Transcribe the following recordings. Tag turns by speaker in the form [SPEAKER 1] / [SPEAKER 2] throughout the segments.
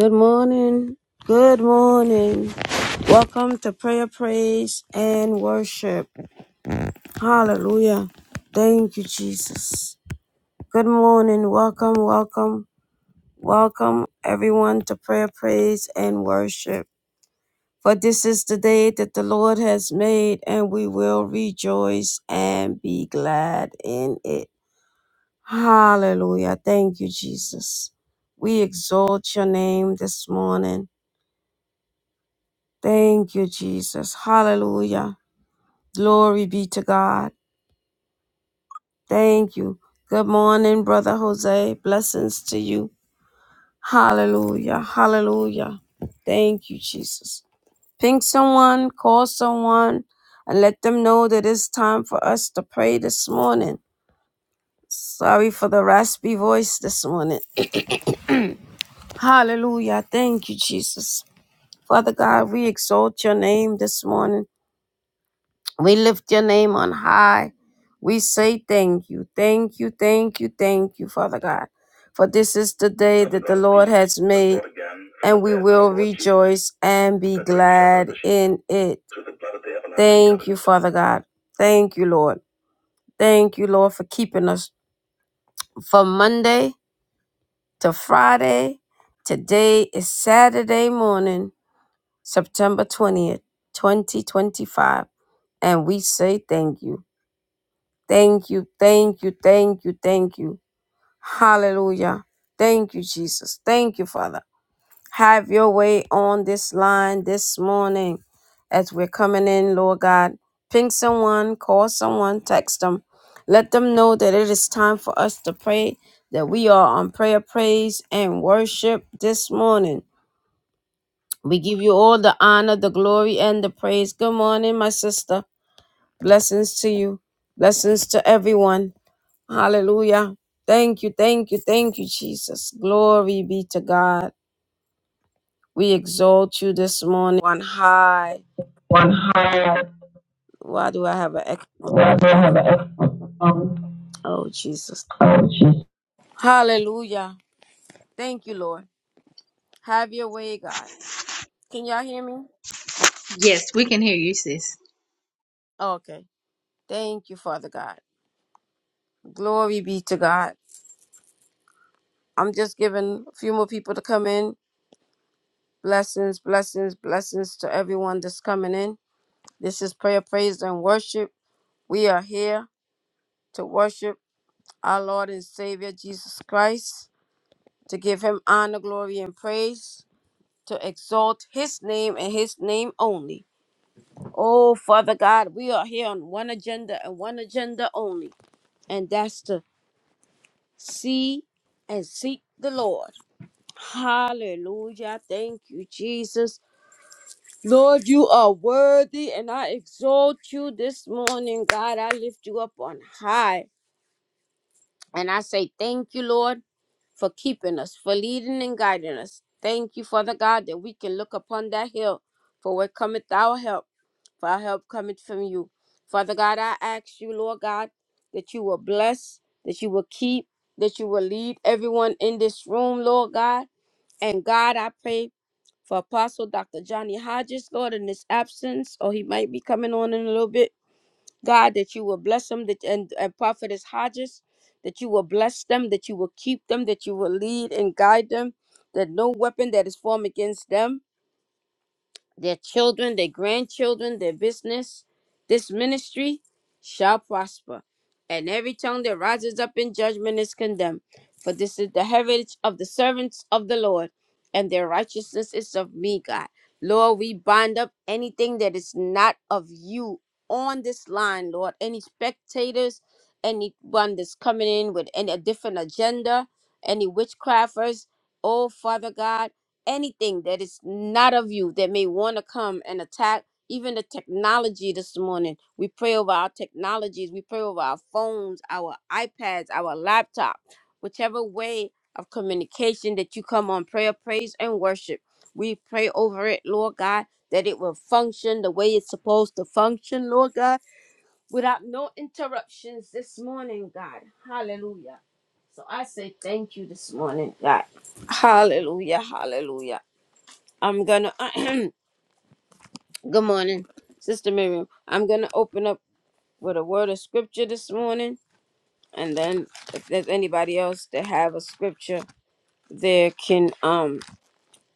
[SPEAKER 1] Good morning. Good morning. Welcome to prayer, praise, and worship. Hallelujah. Thank you, Jesus. Good morning. Welcome, welcome, welcome, everyone, to prayer, praise, and worship. For this is the day that the Lord has made, and we will rejoice and be glad in it. Hallelujah. Thank you, Jesus. We exalt your name this morning. Thank you, Jesus. Hallelujah. Glory be to God. Thank you. Good morning, Brother Jose. Blessings to you. Hallelujah. Hallelujah. Thank you, Jesus. Ping someone, call someone, and let them know that it's time for us to pray this morning. Sorry for the raspy voice this morning. Hallelujah. Thank you, Jesus. Father God, we exalt your name this morning. We lift your name on high. We say thank you, thank you, thank you, thank you, Father God. For this is the day that the Lord has made, and we will rejoice and be glad in it. Thank you, Father God. Thank you, Lord. Thank you, Lord, for keeping us from Monday to Friday. Today is Saturday morning, September 20th, 2025 and we say thank you. Thank you, thank you, thank you, thank you. Hallelujah. Thank you, Jesus. Thank you, Father. Have your way on this line this morning as we're coming in, Lord God. Ping someone, call someone, text them. Let them know that it is time for us to pray, that we are on prayer, praise, and worship this morning. We give you all the honor, the glory, and the praise. Good morning, my sister. Blessings to you. Blessings to everyone. Hallelujah. Thank you, thank you, thank you, Jesus. Glory be to God. We exalt you this morning on high.
[SPEAKER 2] one higher
[SPEAKER 1] Why do I have an echo?
[SPEAKER 2] level, have an
[SPEAKER 1] Um,
[SPEAKER 2] excellent performance.
[SPEAKER 1] Oh, Jesus.
[SPEAKER 2] Oh, Jesus.
[SPEAKER 1] Hallelujah. Thank you, Lord. Have your way, God. Can y'all hear me?
[SPEAKER 2] Yes, we can hear you, sis.
[SPEAKER 1] okay. Thank you, Father God. Glory be to God. I'm just giving a few more people to come in. Blessings, blessings, blessings to everyone that's coming in. This is prayer, praise, and worship. We are here to worship our Lord and Savior Jesus Christ, to give him honor, glory, and praise, to exalt his name and his name only. Oh, Father God, we are here on one agenda and one agenda only, and that's to see and seek the Lord. Hallelujah. Thank you, Jesus. Lord, you are worthy, and I exalt you this morning, God. I lift you up on high. And I say, Thank you, Lord, for keeping us, for leading and guiding us. Thank you, Father God, that we can look upon that hill, for where cometh our help, for our help cometh from you. Father God, I ask you, Lord God, that you will bless, that you will keep, that you will lead everyone in this room, Lord God. And God, I pray for Apostle Dr. Johnny Hodges, Lord, in his absence, or he might be coming on in a little bit. God, that you will bless them that, and, and Prophetess Hodges, that you will bless them, that you will keep them, that you will lead and guide them, that no weapon that is formed against them their children, their grandchildren, their business, this ministry shall prosper. And every tongue that rises up in judgment is condemned. For this is the heritage of the servants of the Lord, and their righteousness is of me, God. Lord, we bind up anything that is not of you on this line, Lord. Any spectators, anyone that's coming in with any a different agenda, any witchcrafters, oh Father God anything that is not of you that may want to come and attack even the technology this morning. We pray over our technologies. We pray over our phones, our iPads, our laptop, whichever way of communication that you come on prayer, praise, and worship. We pray over it, Lord God, that it will function the way it's supposed to function, Lord God, without no interruptions this morning, God. Hallelujah. So I say thank you this morning, God. Hallelujah, hallelujah. I'm gonna. good morning, Sister Miriam. I'm gonna open up with a word of scripture this morning, and then if there's anybody else that have a scripture, they can um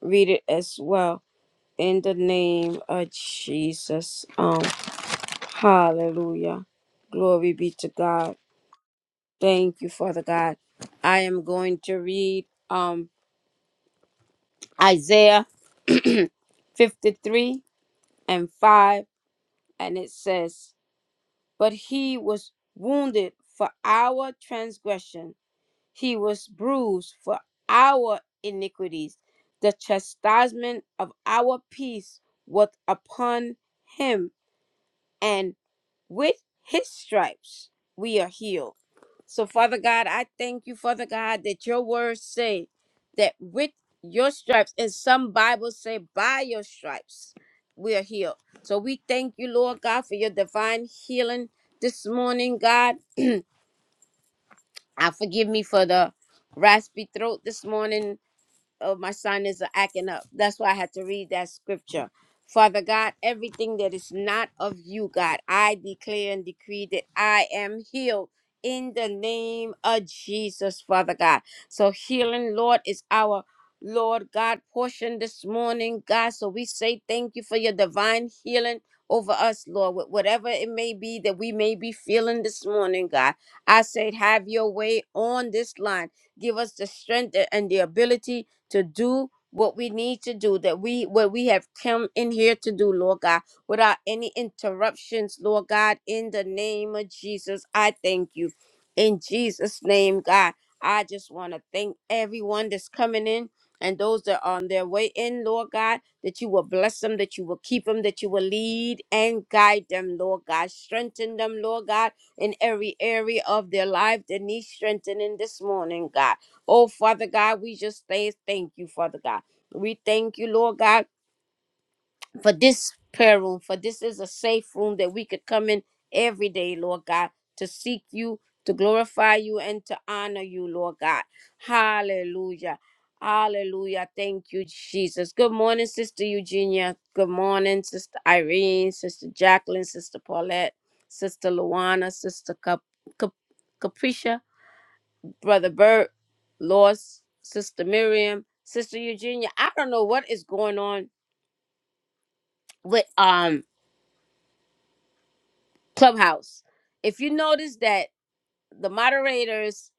[SPEAKER 1] read it as well. In the name of Jesus, um, Hallelujah, glory be to God. Thank you, Father God. I am going to read um Isaiah 53 and 5, and it says. but he was wounded for our transgression, he was bruised for our iniquities. The chastisement of our peace was upon him, and. With his stripes we are healed. So, Father God, I thank you, Father God, that your words say that with your stripes, and some Bibles say by your stripes, we are healed. So we thank you, Lord God, for your divine healing this morning, God. I forgive me for the raspy throat this morning of my sinus are acting up. That's why I had to read that scripture. Father God, everything that is not of you, God, I declare and decree that I am healed in the name of Jesus, Father God. So healing, Lord, is our Lord God portion this morning, God. So we say thank you for your divine healing over us, Lord, with whatever it may be that we may be feeling this morning, God. I say, have your way on this line. Give us the strength and the ability to do what we need to do, that we what we have come in here to do, Lord God, without any interruptions, Lord God, in the name of Jesus. I thank you. In Jesus' name, God. I just want to thank everyone that's coming in and those that are on their way in, Lord God, that you will bless them, that you will keep them, that you will lead and guide them, Lord God. Strengthen them, Lord God, in every area of their life that needs strengthening this morning, God. Oh, Father God, we just say thank you, Father God. We thank you, Lord God, for this prayer room, for this is a safe room that we could come in every day, Lord God, to seek you, to glorify you, and to honor you, Lord God. Hallelujah. Hallelujah. Thank you, Jesus. Good morning, Sister Eugenia. Good morning, Sister Irene, Sister Jacqueline, Sister Paulette, Sister Luana, Sister Cap- Cap- Capricia. Brother Bert, Lost, Sister Miriam, Sister Eugenia. I don't know what is going on with um Clubhouse. If you notice that the moderators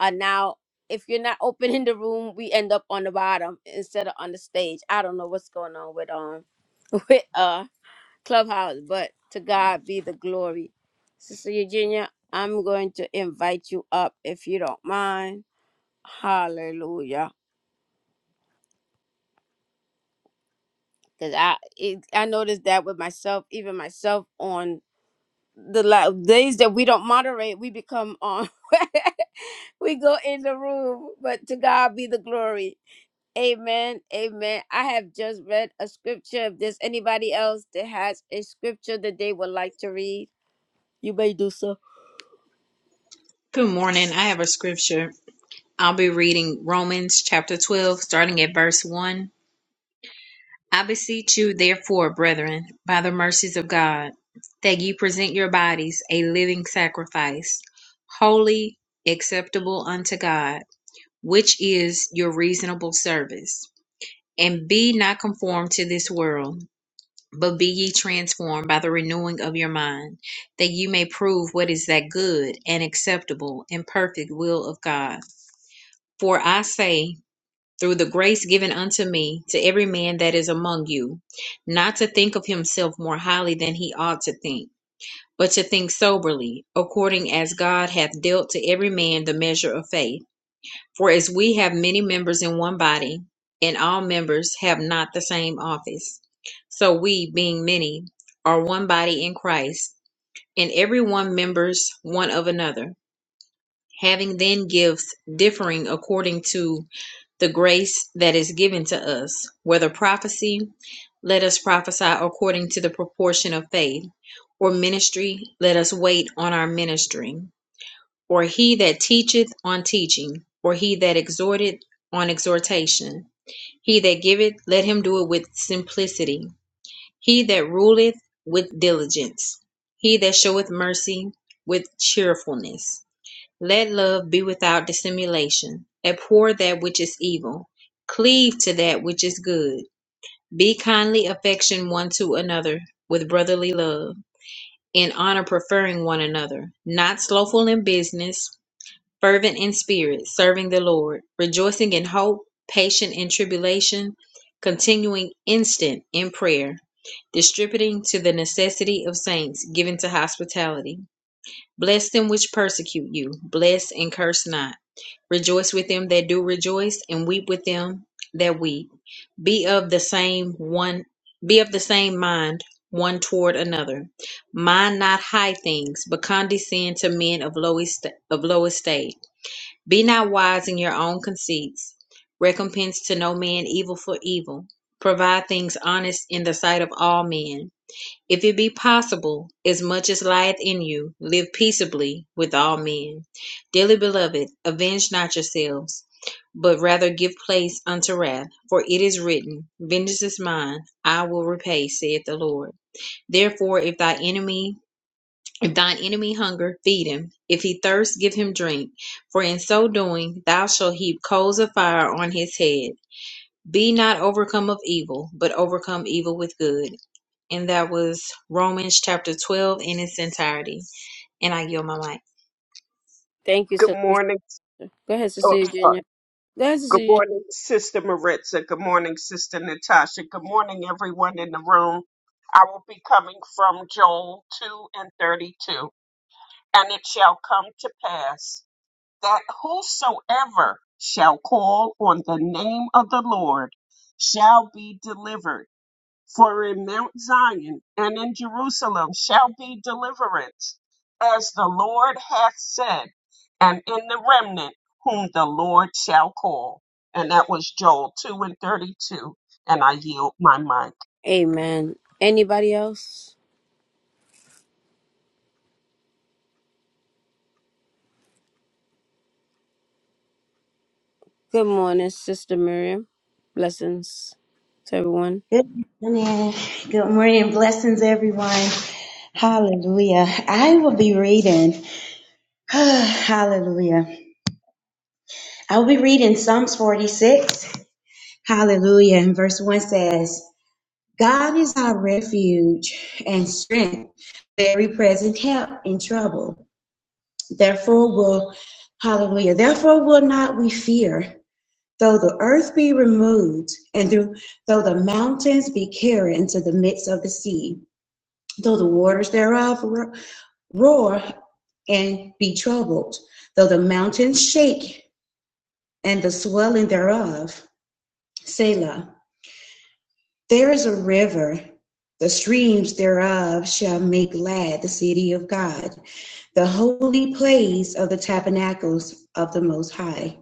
[SPEAKER 1] are now, if you're not opening the room, we end up on the bottom instead of on the stage. I don't know what's going on with um with uh Clubhouse, but to God be the glory. Sister Eugenia, I'm going to invite you up if you don't mind. Hallelujah. Cause I it, I noticed that with myself, even myself on the la- days that we don't moderate, we become on. we go in the room, but to God be the glory. Amen. Amen. I have just read a scripture. If there's anybody else that has a scripture that they would like to read, you may do so.
[SPEAKER 2] Good morning. I have a scripture. I'll be reading Romans chapter 12, starting at verse 1. I beseech you, therefore, brethren, by the mercies of God, that ye present your bodies a living sacrifice, holy, acceptable unto God, which is your reasonable service. And be not conformed to this world, but be ye transformed by the renewing of your mind, that ye may prove what is that good and acceptable and perfect will of God. For I say, through the grace given unto me, to every man that is among you, not to think of himself more highly than he ought to think, but to think soberly, according as God hath dealt to every man the measure of faith. For as we have many members in one body, and all members have not the same office, so we, being many, are one body in Christ, and every one members one of another, having then gifts differing according to the grace that is given to us, whether prophecy, let us prophesy according to the proportion of faith, or ministry, let us wait on our ministry or he that teacheth on teaching, or he that exhorteth on exhortation. He that giveth, let him do it with simplicity. He that ruleth, with diligence. He that showeth mercy, with cheerfulness. Let love be without dissimulation. Abhor that which is evil. Cleave to that which is good. Be kindly affection one to another with brotherly love, in honor preferring one another, not slothful in business fervent in spirit, serving the Lord, rejoicing in hope, patient in tribulation, continuing instant in prayer, distributing to the necessity of saints, given to hospitality. Bless them which persecute you, bless and curse not. Rejoice with them that do rejoice, and weep with them that weep. Be of the same one be of the same mind one toward another. Mind not high things, but condescend to men of low est- of low estate be not wise in your own conceits. Recompense to no man evil for evil. Provide things honest in the sight of all men. If it be possible, as much as lieth in you, live peaceably with all men. Dearly beloved, avenge not yourselves, but rather give place unto wrath. For it is written, Vengeance is mine, I will repay, saith the Lord. Therefore, if thy enemy if thine enemy hunger, feed him. If he thirst, give him drink. For in so doing, thou shalt heap coals of fire on his head. Be not overcome of evil, but overcome evil with good. And that was Romans chapter 12 in its entirety. And I yield my mic.
[SPEAKER 1] Thank you,
[SPEAKER 3] Good
[SPEAKER 1] sister.
[SPEAKER 3] morning.
[SPEAKER 1] Go ahead,
[SPEAKER 3] Oh,
[SPEAKER 1] Sister
[SPEAKER 3] sorry.
[SPEAKER 1] Eugenia. Go ahead, Sister
[SPEAKER 3] Good
[SPEAKER 1] Eugenia.
[SPEAKER 3] morning, Sister Maritza. Good morning, Sister Natasha. Good morning, everyone in the room. I will be coming from Joel 2 and 32. And it shall come to pass that whosoever shall call on the name of the Lord shall be delivered. For in Mount Zion and in Jerusalem shall be deliverance, as the Lord hath said, and in the remnant whom the Lord shall call. And that was Joel 2 and 32. And I yield my mic.
[SPEAKER 1] Amen. Anybody else? Good morning, Sister Miriam. Blessings to everyone.
[SPEAKER 4] Good morning. Good morning. Blessings, everyone. Hallelujah. I will be reading. Hallelujah. I will be reading Psalms 46. Hallelujah. And verse 1 says, God is our refuge and strength, very present help in trouble. Therefore will, hallelujah, therefore will not we fear, though the earth be removed and through, though the mountains be carried into the midst of the sea though the waters thereof roar and be troubled, though the mountains shake and the swelling thereof. Selah. There is a river, the streams thereof shall make glad the city of God, the holy place of the tabernacles of the Most High.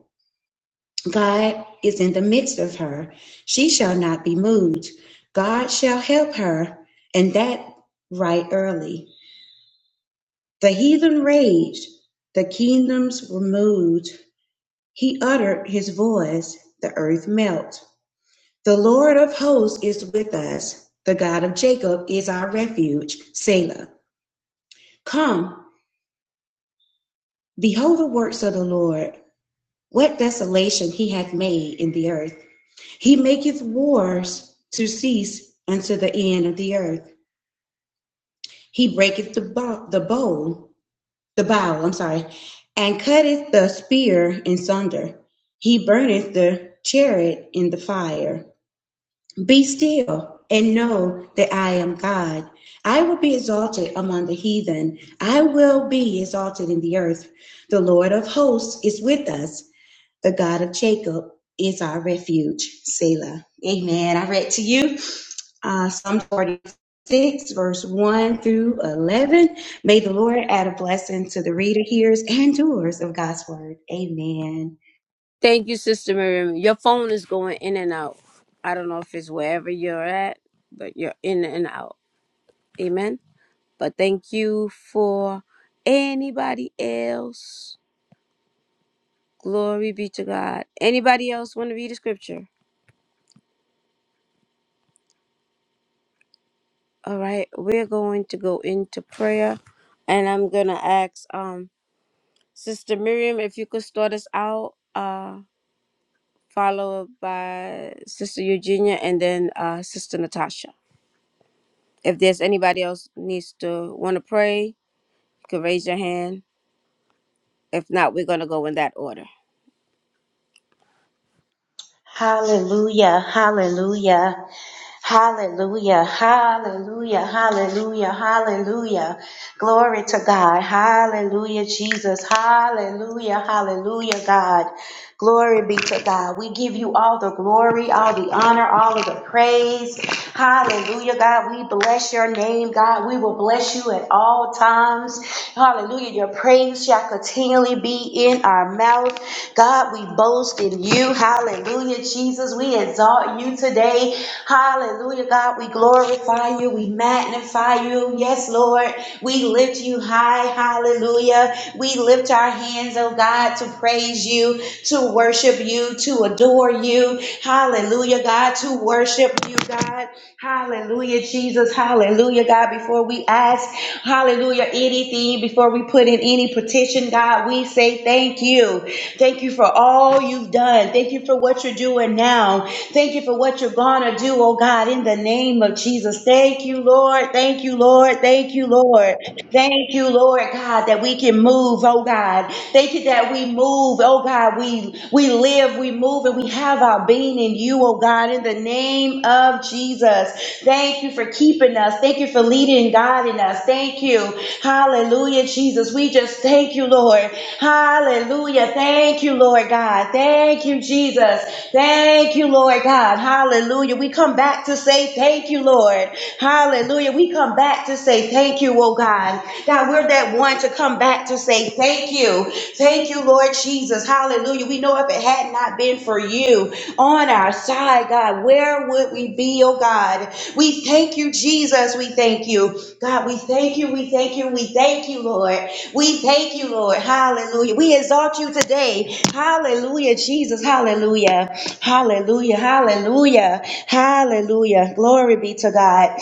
[SPEAKER 4] God is in the midst of her, she shall not be moved. God shall help her, and that right early. The heathen raged, the kingdoms were moved. He uttered his voice, the earth melted. The Lord of hosts is with us. The God of Jacob is our refuge. Selah. Come, behold the works of the Lord. What desolation he hath made in the earth. He maketh wars to cease unto the end of the earth. He breaketh the, bo- the bow the bow, I'm sorry, and cutteth the spear in sunder. He burneth the chariot in the fire. Be still and know that I am God. I will be exalted among the heathen. I will be exalted in the earth. The Lord of hosts is with us. The God of Jacob is our refuge. Selah. Amen. I read to you uh, Psalm 46, verse 1 through 11. May the Lord add a blessing to the reader, hearers, and doers of God's word. Amen.
[SPEAKER 1] Thank you, Sister Miriam. Your phone is going in and out. I don't know if it's wherever you're at, but you're in and out. Amen. But thank you for anybody else. Glory be to God. Anybody else want to read a scripture? All right, we're going to go into prayer, and I'm gonna ask um Sister Miriam if you could start us out, uh, followed by Sister Eugenia, and then uh, Sister Natasha. If there's anybody else needs to want to pray, you can raise your hand. If not, we're going to go in that order.
[SPEAKER 4] Hallelujah, hallelujah, hallelujah, hallelujah, hallelujah, hallelujah. Glory to God. Hallelujah, Jesus. Hallelujah, hallelujah, God. Glory be to God. We give you all the glory, all the honor, all of the praise. Hallelujah, God. We bless your name, God. We will bless you at all times. Hallelujah. Your praise shall continually be in our mouth. God, we boast in you. Hallelujah, Jesus. We exalt you today. Hallelujah, God. We glorify you. We magnify you. Yes, Lord. We lift you high. Hallelujah. We lift our hands, oh God, to praise you, to worship you, to adore you. Hallelujah, God, to worship you, God. Hallelujah, Jesus. Hallelujah, God. Before we ask, hallelujah, anything, before we put in any petition, God, we say thank you. Thank you for all you've done. Thank you for what you're doing now. Thank you for what you're going to do, oh God, in the name of Jesus. Thank you, Lord. Thank you, Lord. Thank you, Lord. Thank you, Lord God, that we can move, oh God. Thank you that we move, Oh God, we we live, we move, and we have our being in you, oh God, in the name of Jesus. Thank you for keeping us. Thank you for leading and guiding us. Thank you. Hallelujah, Jesus. We just thank you, Lord. Hallelujah. Thank you, Lord God. Thank you, Jesus. Thank you, Lord God. Hallelujah. We come back to say thank you, Lord. Hallelujah. We come back back to say thank you, oh God. God, we're that one to come back to say thank you. Thank you, Lord Jesus. Hallelujah. We know if it had not been for you on our side, God, where would we be, oh God? We thank you, Jesus. We thank you. God, we thank you. We thank you. We thank you, Lord. We thank you, Lord. Hallelujah. We exalt you today. Hallelujah, Jesus. Hallelujah. Hallelujah. Hallelujah. Hallelujah. Glory be to God.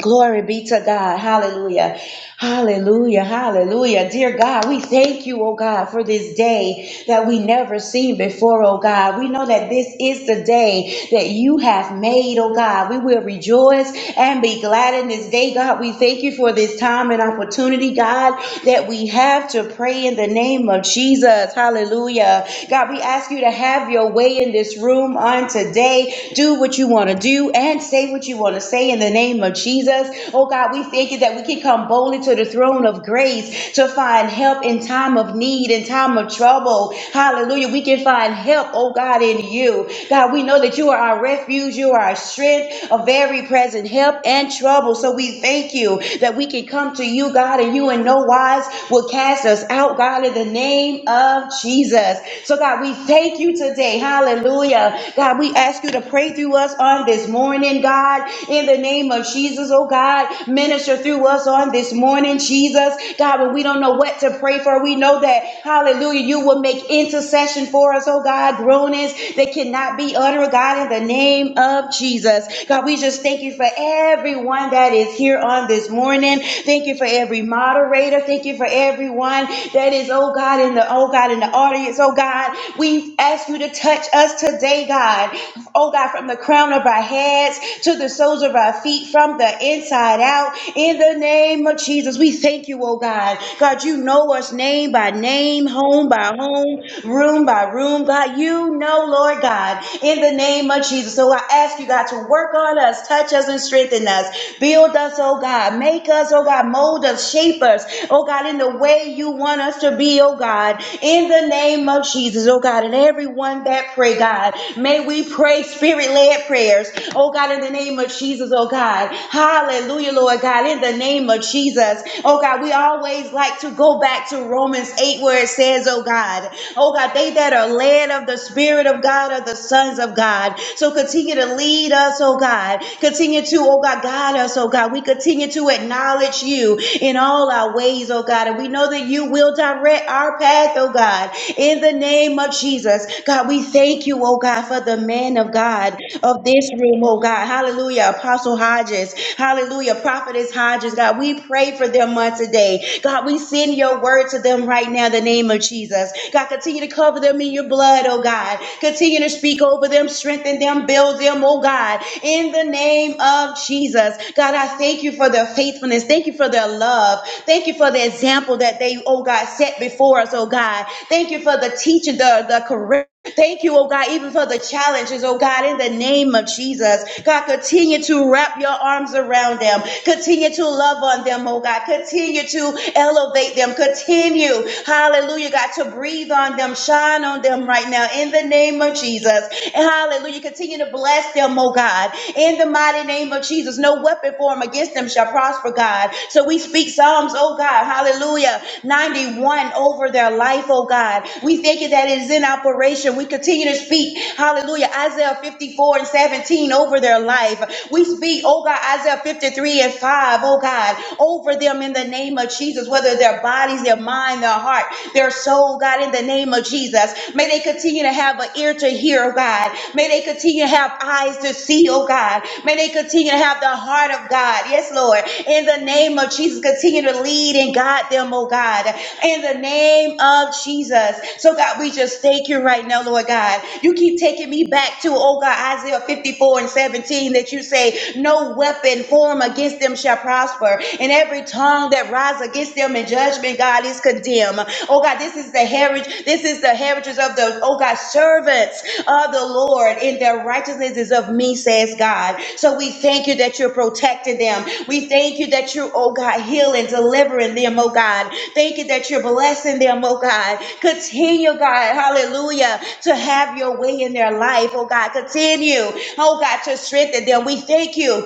[SPEAKER 4] Glory be to God. Hallelujah. Hallelujah. Hallelujah. Dear God, we thank you, oh God, for this day that we never seen before, oh God. We know that this is the day that you have made, oh God. We will rejoice and be glad in this day, God. We thank you for this time and opportunity, God, that we have to pray in the name of Jesus. Hallelujah. God, we ask you to have your way in this room on today. Do what you want to do and say what you want to say say in the name of Jesus. Oh God, we thank you that we can come boldly to the throne of grace to find help in time of need, in time of trouble. Hallelujah. We can find help, oh God, in you. God, we know that you are our refuge, you are our strength, a very present help in trouble. So we thank you that we can come to you, God, and you in no wise will cast us out, God, in the name of Jesus. So God, we thank you today. Hallelujah. God, we ask you to pray through us on this morning morning, God. In the name of Jesus, oh God, minister through us on this morning, Jesus. God, when we don't know what to pray for, we know that, hallelujah, you will make intercession for us, oh God. Groanings that cannot be uttered, God, in the name of Jesus. God, we just thank you for everyone that is here on this morning. Thank you for every moderator. Thank you for everyone that is, oh God, in the, oh God, in the audience, oh God. We ask you to touch us today, God. Oh God, from the crown crown of our heads to the soles of our feet from the inside out. In the name of Jesus, we thank you, oh God. God, you know us name by name, home by home, room by room. God, you know, Lord God, in the name of Jesus. So I ask you, God, to work on us, touch us, and strengthen us. Build us, oh God. Make us, oh God. Mold us, shape us, oh God, in the way you want us to be, oh God. In the name of Jesus, oh God. And everyone that pray, God, may we pray pray spirit led prayers. Oh God, in the name of Jesus, oh God. Hallelujah, Lord God, in the name of Jesus. Oh God, we always like to go back to Romans 8 where it says, oh God, oh God, they that are led of the Spirit of God are the sons of God. So continue to lead us, oh God. Continue to, oh God, guide us, oh God. We continue to acknowledge you in all our ways, oh God. And we know that you will direct our path, oh God, in the name of Jesus. God, we thank you, you, oh God, for the man of God of this room, oh God. Hallelujah. Apostle Hodges. Hallelujah. Prophetess Hodges. God, we pray for them on today. God, we send your word to them right now in the name of Jesus. God, continue to cover them in your blood, oh God. Continue to speak over them, strengthen them, build them, oh God. In the name of Jesus. God, I thank you for their faithfulness. Thank you for their love. Thank you for the example that they, oh God, set before us, oh God. Thank you for the teaching, the, the correction. Thank you, oh God, even for the challenges, oh God, in the name of Jesus. God, continue to wrap your arms around them. Continue to love on them, oh God. Continue to elevate them. Continue, hallelujah, God, to breathe on them, shine on them right now in the name of Jesus. And hallelujah, continue to bless them, oh God, in the mighty name of Jesus. No weapon formed against them shall prosper, God. So we speak Psalms, oh God, hallelujah, 91 over their life, oh God. We thank you that it is in operation. We continue to speak, hallelujah, Isaiah 54 and 17 over their life. We speak, oh God, Isaiah 53 and 5, oh God, over them in the name of Jesus, whether their bodies, their mind, their heart, their soul, God, in the name of Jesus. May they continue to have an ear to hear, oh God. May they continue to have to have eyes to see, oh God. May they continue to have the heart of God. Yes, Lord. In the name of Jesus, continue to lead and guide them, oh God. In the name of Jesus. So, God, we just thank you right now, Lord God. You keep taking me back to, oh God, Isaiah 54 and 17 that you say, No weapon formed against them shall prosper, and every tongue that rises against them in judgment, God, is condemned kingdom. Oh God, this is the heritage. This is the heritage of the, oh God, servants of the Lord in their righteousness is of me, says God. So we thank you that you're protecting them. We thank you that you're, oh God, healing, delivering them, oh God. Thank you that you're blessing them, oh God. Continue, God, hallelujah, to have your way in their life, oh God. Continue, oh God, to strengthen them. We thank you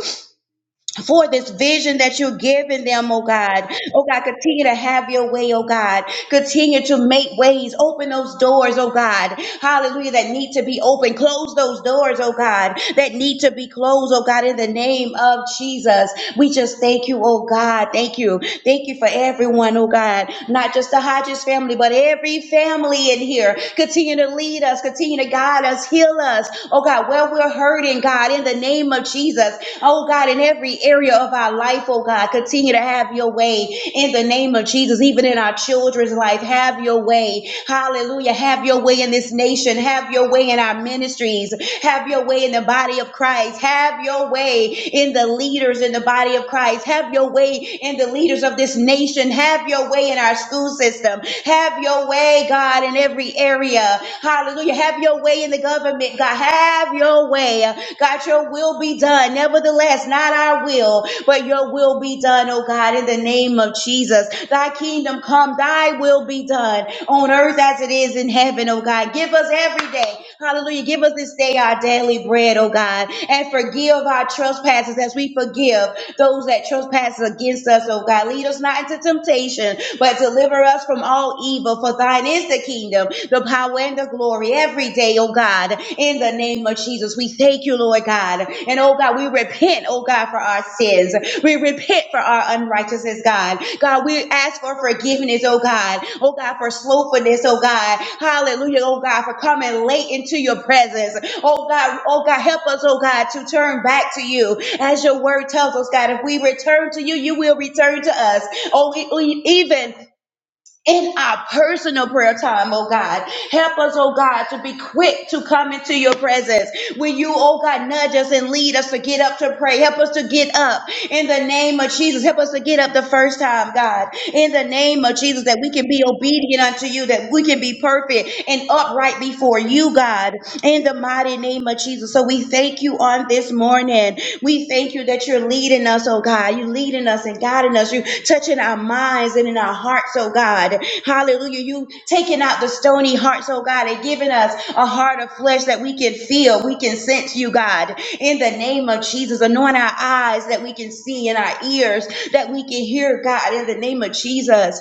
[SPEAKER 4] for this vision that you're giving them, oh God. Oh God, continue to have your way, oh God. Continue to make ways. Open those doors, oh God. Hallelujah, that need to be open. Close those doors, oh God, that need to be closed, oh God, in the name of Jesus. We just thank you, oh God. Thank you. Thank you for everyone, oh God. Not just the Hodges family, but every family in here. Continue to lead us, continue to guide us, heal heal us. Oh God, where we're hurting, God, in the name of Jesus. Oh God, in every area of our life, oh God, continue to have your way in the name of Jesus, even in our children's life. Have your way. Hallelujah. Have your way in this nation. Have your way in our ministries. Have your way in the body of Christ. Have your way in the leaders in the body of Christ. Have your way in the leaders of this nation. Have your way in our school system system. Have your way, God, in every area. Hallelujah. Have your way in the government, God. Have your way. God, your will be done. Nevertheless, not our will, but your will be done, oh God, in the name of Jesus. Thy kingdom come, thy will be done on earth as it is in heaven, oh God. Give us every day, hallelujah. Give us this day our daily bread, oh God, and forgive our trespasses as we forgive those that trespass against us, oh God. Lead us not into temptation, but deliver us from all evil. For thine is the kingdom, the power, and the glory every day, oh God. In the name of Jesus, we thank you, Lord God. And oh God, we repent, oh God, for our sins. We repent for our unrighteousness, God. God, we ask for forgiveness, oh God. Oh God, for slothfulness, oh God. Hallelujah, oh God, for coming late into your presence. Oh God, oh God, help us, oh God, to turn back to you. As your word tells us, God, if we return to you, you will return to us. Oh, e- e- even in our personal prayer time, oh God. Help us, oh God, to be quick to come into your presence. When you, oh God, nudge us and lead us to get up to pray, help us to get up in the name of Jesus. Help us to get up the first time, God, in the name of Jesus, that we can be obedient unto you, that we can be perfect and upright before you, God, in the mighty name of Jesus. So we thank you on this morning. We thank you that you're leading us leading us, oh God. You leading us and guiding us. You touching our minds and in our hearts, oh God. Hallelujah. You taking out the stony hearts, oh God, and giving us a heart of flesh that we can feel. We can sense you, God. In the name of Jesus, anoint our eyes that we can see and our ears that we can hear, God. In the name of Jesus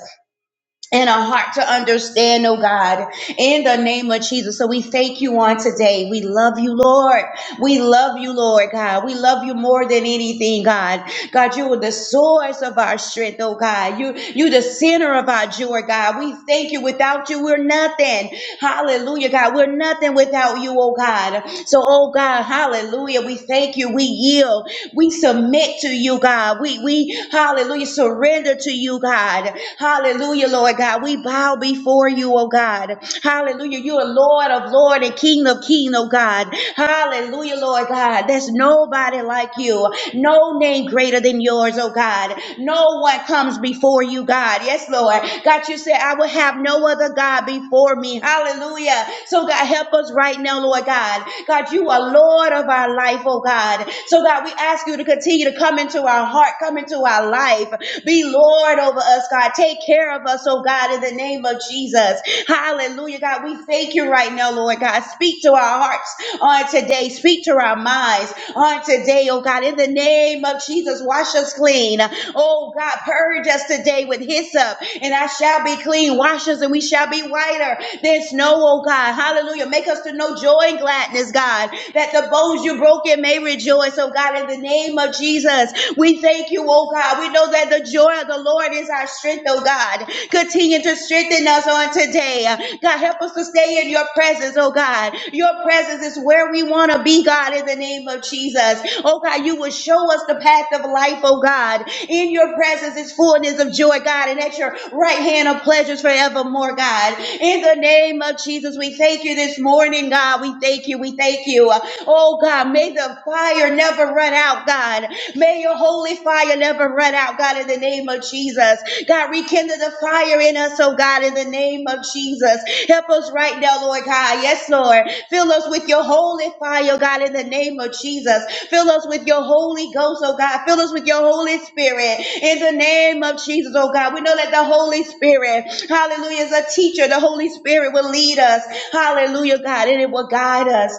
[SPEAKER 4] and a heart to understand, oh God, in the name of Jesus. So we thank you on today. We love you, Lord. We love you, Lord God. We love you more than anything, God. God, you are the source of our strength, oh God. You, you the center of our joy, God. We thank you. Without you, we're nothing. Hallelujah, God. We're nothing without you, oh God. So, oh God, hallelujah. We thank you. We yield. We submit to you, God. We, we, hallelujah, surrender to you, God. Hallelujah, Lord God. We bow before you, oh God. Hallelujah. You are Lord of Lord and King of King, oh God. Hallelujah, Lord God. There's nobody like you. No name greater than yours, oh God. No one comes before you, God. Yes, Lord. God, you said, I will have no other God before me. Hallelujah. So, God, help us right now, Lord God. God, you are Lord of our life, oh God. So, God, we ask you to continue to come into our heart, come into our life. Be Lord over us, God. Take care of us, oh God, in the name of Jesus. Hallelujah, God. We thank you right now, Lord God. Speak to our hearts on today. Speak to enter our minds on today, oh God. In the name of Jesus, wash us clean. Oh God, purge us today with hyssop, and I shall be clean. Wash us, and we shall be whiter than snow, oh God. Hallelujah. Make us to know joy and gladness, God, that the bones you broken may rejoice, oh God. In the name of Jesus, we thank you, oh God. We know that the joy of the Lord is our strength, oh God. Continue to strengthen us on today today. God, help us to stay in your presence, oh God. Your presence is where we want to be, God, in the name of Jesus. Oh God, you will show us the path of life, oh God. In your presence is fullness of joy, God, and at your right hand of pleasures forevermore, God. In the name of Jesus, we thank you this morning, God. We thank you. We thank you. Oh God, may the fire never run out, God. May your holy fire fire never run out, God, in the name of Jesus. God, rekindle the fire in us, oh God, in the name of Jesus. Help us right now, Lord God. Yes, Lord. Fill us with your holy fire, oh God, in the name of Jesus. Fill us with your Holy Ghost, oh God. Fill us with your Holy Spirit in the name of Jesus, oh God. We know that the Holy Spirit, hallelujah, is a teacher. The Holy Spirit will lead us, hallelujah, God, and it will guide us.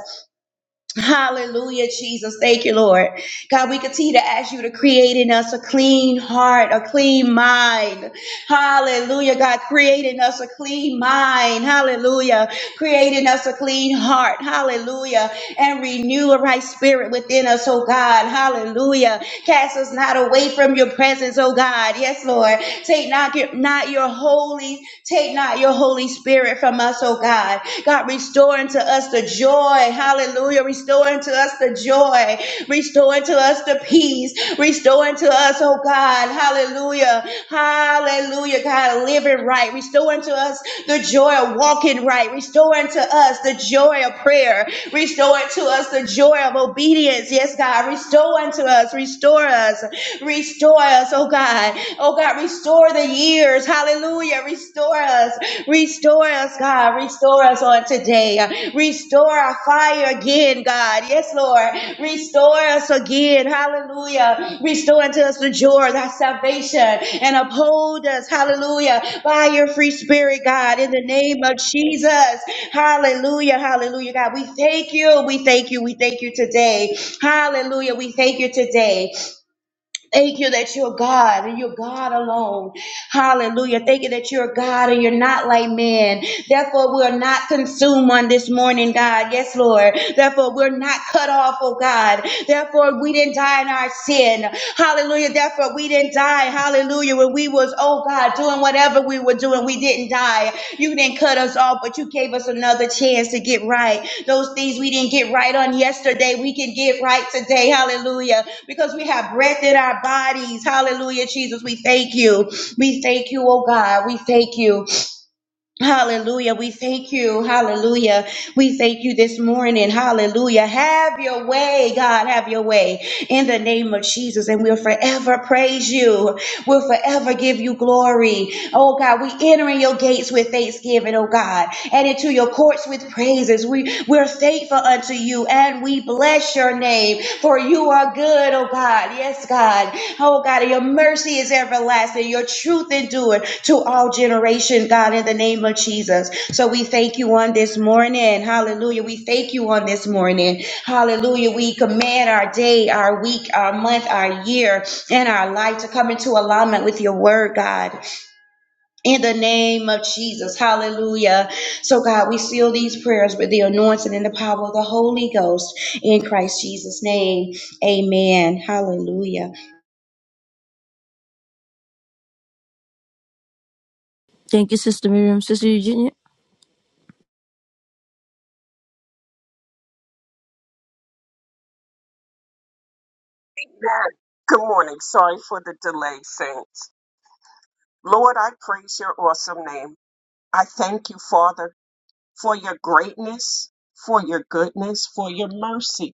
[SPEAKER 4] Hallelujah, Jesus. Thank you, Lord. God, we continue to ask you to create in us a clean heart, a clean mind. Hallelujah, God, create in us a clean mind. Hallelujah. Create in us a clean heart. Hallelujah. And renew a right spirit within us, oh God. Hallelujah. Cast us not away from your presence, oh God. Yes, Lord. Take not your, not your holy, take not your Holy Spirit from us, oh God. God, restore unto us the joy. Hallelujah. Restore unto us the joy. Restore unto us the peace. Restore unto us, oh God. Hallelujah. Hallelujah. God, living right. Restore unto us the joy of walking right. Restore unto us the joy of prayer. Restore unto us the joy of obedience. Yes, God. Restore unto us. Restore us. Restore us, oh God. Oh God, restore the years. Hallelujah. Restore us. Restore us, God. Restore us on today. Restore our fire again, God. Yes, Lord. Restore us again. Hallelujah. Restore unto us the joy, of thy salvation, and uphold us. Hallelujah. By your free spirit, God, in the name of Jesus. Hallelujah. Hallelujah. God, we thank you. We thank you. We thank you today. Hallelujah. We thank you today. Thank you that you're God and you're God alone. Hallelujah. Thank you that you're God and you're not like man. Therefore, we're not consumed on this morning, God. Yes, Lord. Therefore, we're not cut off, oh God. Therefore, we didn't die in our sin. Hallelujah. Therefore, we didn't die. Hallelujah. When we was, oh God, doing whatever we were doing, we didn't die. You didn't cut us off, but you gave us another chance to get right. Those things we didn't get right on yesterday, we can get right today. Hallelujah. Because we have breath in our bodies. Hallelujah, Jesus. We thank you. We thank you, oh God. We thank you. Hallelujah. We thank you. Hallelujah. We thank you this morning. Hallelujah. Have your way, God. Have your way in the name of Jesus. And we'll forever praise you will forever give you glory. Oh God, we enter in your gates with thanksgiving, oh God, and into your courts with praises. We, we're thankful unto you and we bless your name, for you are good, oh God. Yes, God. Oh God, and your mercy is everlasting. Your truth endured to all generation, God, in the name of Jesus. So we thank you on this morning. Hallelujah. We thank you on this morning. Hallelujah. We command our day, our week, our month, our year in our life to come into alignment with your word, God, in the name of Jesus. Hallelujah. So, God, we seal these prayers with the anointing and the power of the Holy Ghost in Christ Jesus' name. Amen. Hallelujah.
[SPEAKER 1] Thank you, Sister Miriam. Sister Eugenia.
[SPEAKER 3] Amen. Good morning. Sorry for the delay, saints. Lord, I praise your awesome name. I thank you, Father, for your greatness, for your goodness, for your mercy.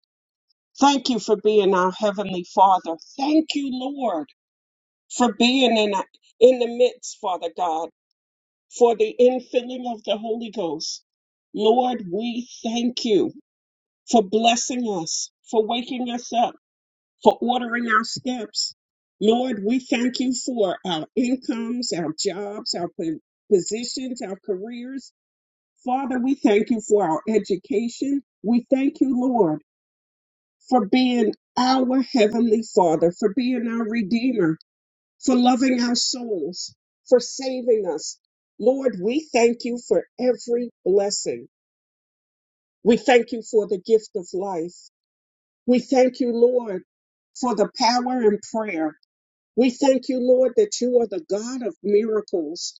[SPEAKER 3] Thank you for being our Heavenly Father. Thank you, Lord. for being in, in the midst, Father God, for the infilling of the Holy Ghost. Lord, we thank you for blessing us, for waking us up, for ordering our steps. Lord, we thank you for our incomes, our jobs, our po- positions, our careers. Father, we thank you for our education. We thank you, Lord, for being our Heavenly Father, for being our Redeemer, for loving our souls, for saving us. Lord, we thank you for every blessing. We thank you for the gift of life. We thank you, Lord, for the power in prayer. We thank you, Lord, that you are the God of miracles.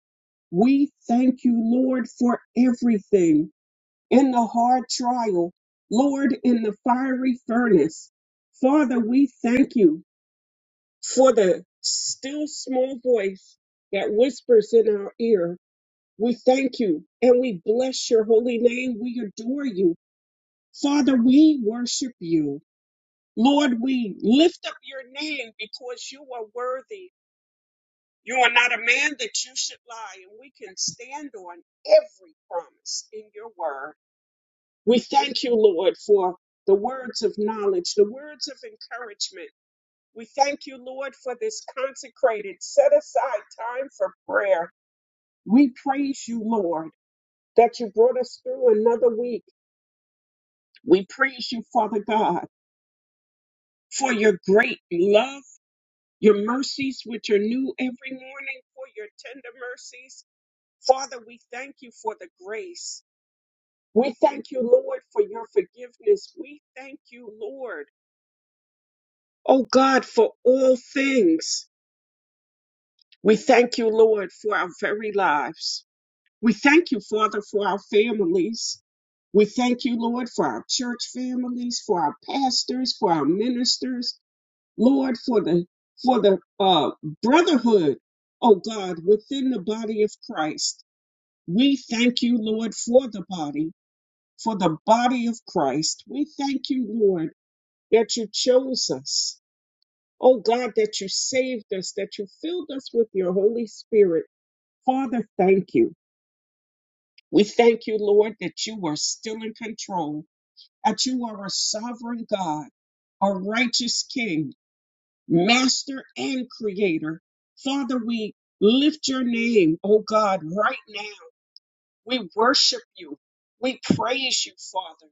[SPEAKER 3] We thank you, Lord, for everything in the hard trial, Lord, in the fiery furnace. Father, we thank you for the still small voice that whispers in our ear. We thank you and we bless your holy name. We adore you. Father, we worship you. Lord, we lift up your name because you are worthy. You are not a man that you should lie, and we can stand on every promise in your word. We thank you, Lord, for the words of knowledge, the words of encouragement We thank you, Lord, for this consecrated, set aside time for prayer. We praise you, Lord, that you brought us through another week. We praise you, Father God, for your great love, your mercies, which are new every morning, for your tender mercies. Father, we thank you for the grace. We thank you, Lord, for your forgiveness. We thank you, Lord, oh God, for all things. We thank you, Lord, for our very lives. We thank you, Father, for our families. We thank you, Lord, for our church families, for our pastors, for our ministers, Lord, for the for the uh, brotherhood, oh God, within the body of Christ. We thank you, Lord, for the body, for the body of Christ. We thank you, Lord, that you chose us. Oh God, that you saved us, that you filled us with your Holy Spirit. Father, thank you. We thank you, Lord, that you are still in control, that you are a sovereign God, a righteous King, Master and Creator. Father, we lift your name, O God, right now. We worship you. We praise you, Father.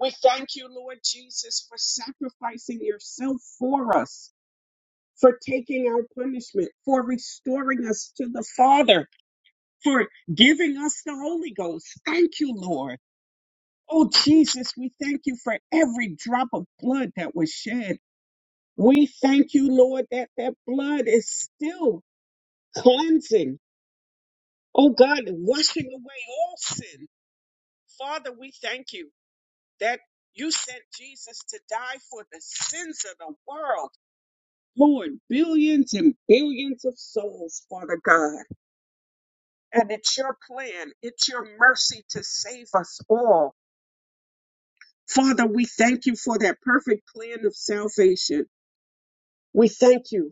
[SPEAKER 3] We thank you, Lord Jesus, for sacrificing yourself for us, for taking our punishment, for restoring us to the Father, for giving us the Holy Ghost. Thank you, Lord. Oh, Jesus, we thank you for every drop of blood that was shed. We thank you, Lord, that that blood is still cleansing. Oh, God, washing away all sin. Father, we thank you that you sent Jesus to die for the sins of the world. Lord, billions and billions of souls, Father God. And it's your plan, it's your mercy to save us all. Father, we thank you for that perfect plan of salvation. We thank you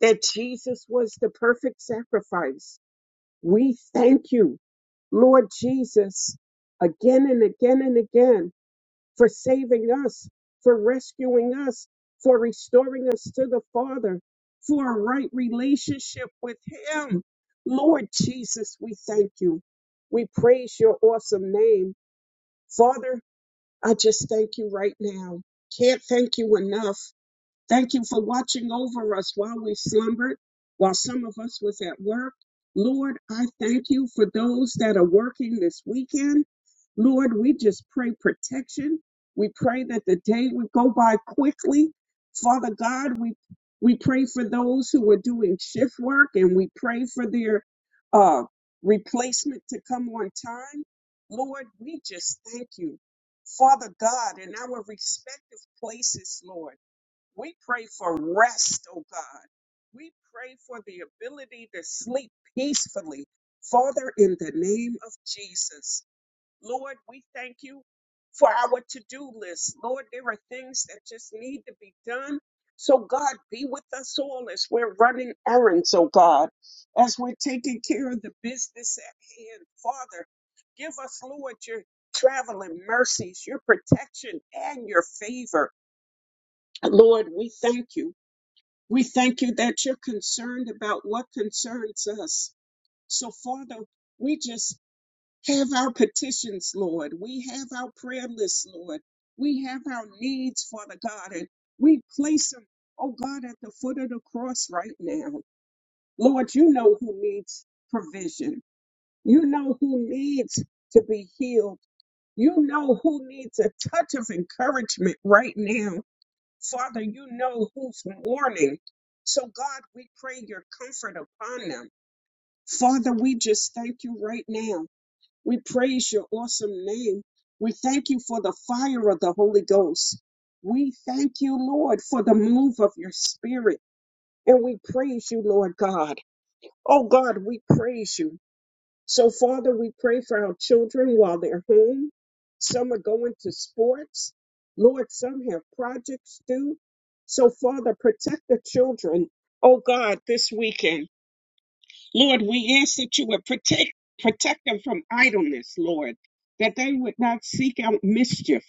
[SPEAKER 3] that Jesus was the perfect sacrifice. We thank you, Lord Jesus, again and again and again for saving us, for rescuing us, for restoring us to the Father, for a right relationship with Him. Lord Jesus, we thank you. We praise your awesome name. Father, I just thank you right now. Can't thank you enough. Thank you for watching over us while we slumbered, while some of us was at work. Lord, I thank you for those that are working this weekend. Lord, we just pray protection. We pray that the day would go by quickly. Father God, we we pray for those who are doing shift work and we pray for their uh, replacement to come on time. Lord, we just thank you. Father God, in our respective places, Lord. We pray for rest, oh God. We pray for the ability to sleep peacefully. Father, in the name of Jesus, Lord, we thank you for our to do list. Lord, there are things that just need to be done. So, God, be with us all as we're running errands, oh God, as we're taking care of the business at hand. Father, give us, Lord, your traveling mercies, your protection, and your favor. Lord, we thank you. We thank you that you're concerned about what concerns us. So, Father, we just have our petitions, Lord. We have our prayer lists, Lord. We have our needs, Father God, and we place them, oh God, at the foot of the cross right now. Lord, you know who needs provision. You know who needs to be healed. You know who needs a touch of encouragement right now. Father, you know who's mourning. So, God, we pray your comfort upon them. Father, we just thank you right now. We praise your awesome name. We thank you for the fire of the Holy Ghost. We thank you, Lord, for the move of your spirit. And we praise you, Lord God. Oh, God, we praise you. So, Father, we pray for our children while they're home. Some are going to sports. Lord, some have projects due. So, Father, protect the children. Oh God, this weekend, Lord, we ask that you would protect protect them from idleness, Lord, that they would not seek out mischief.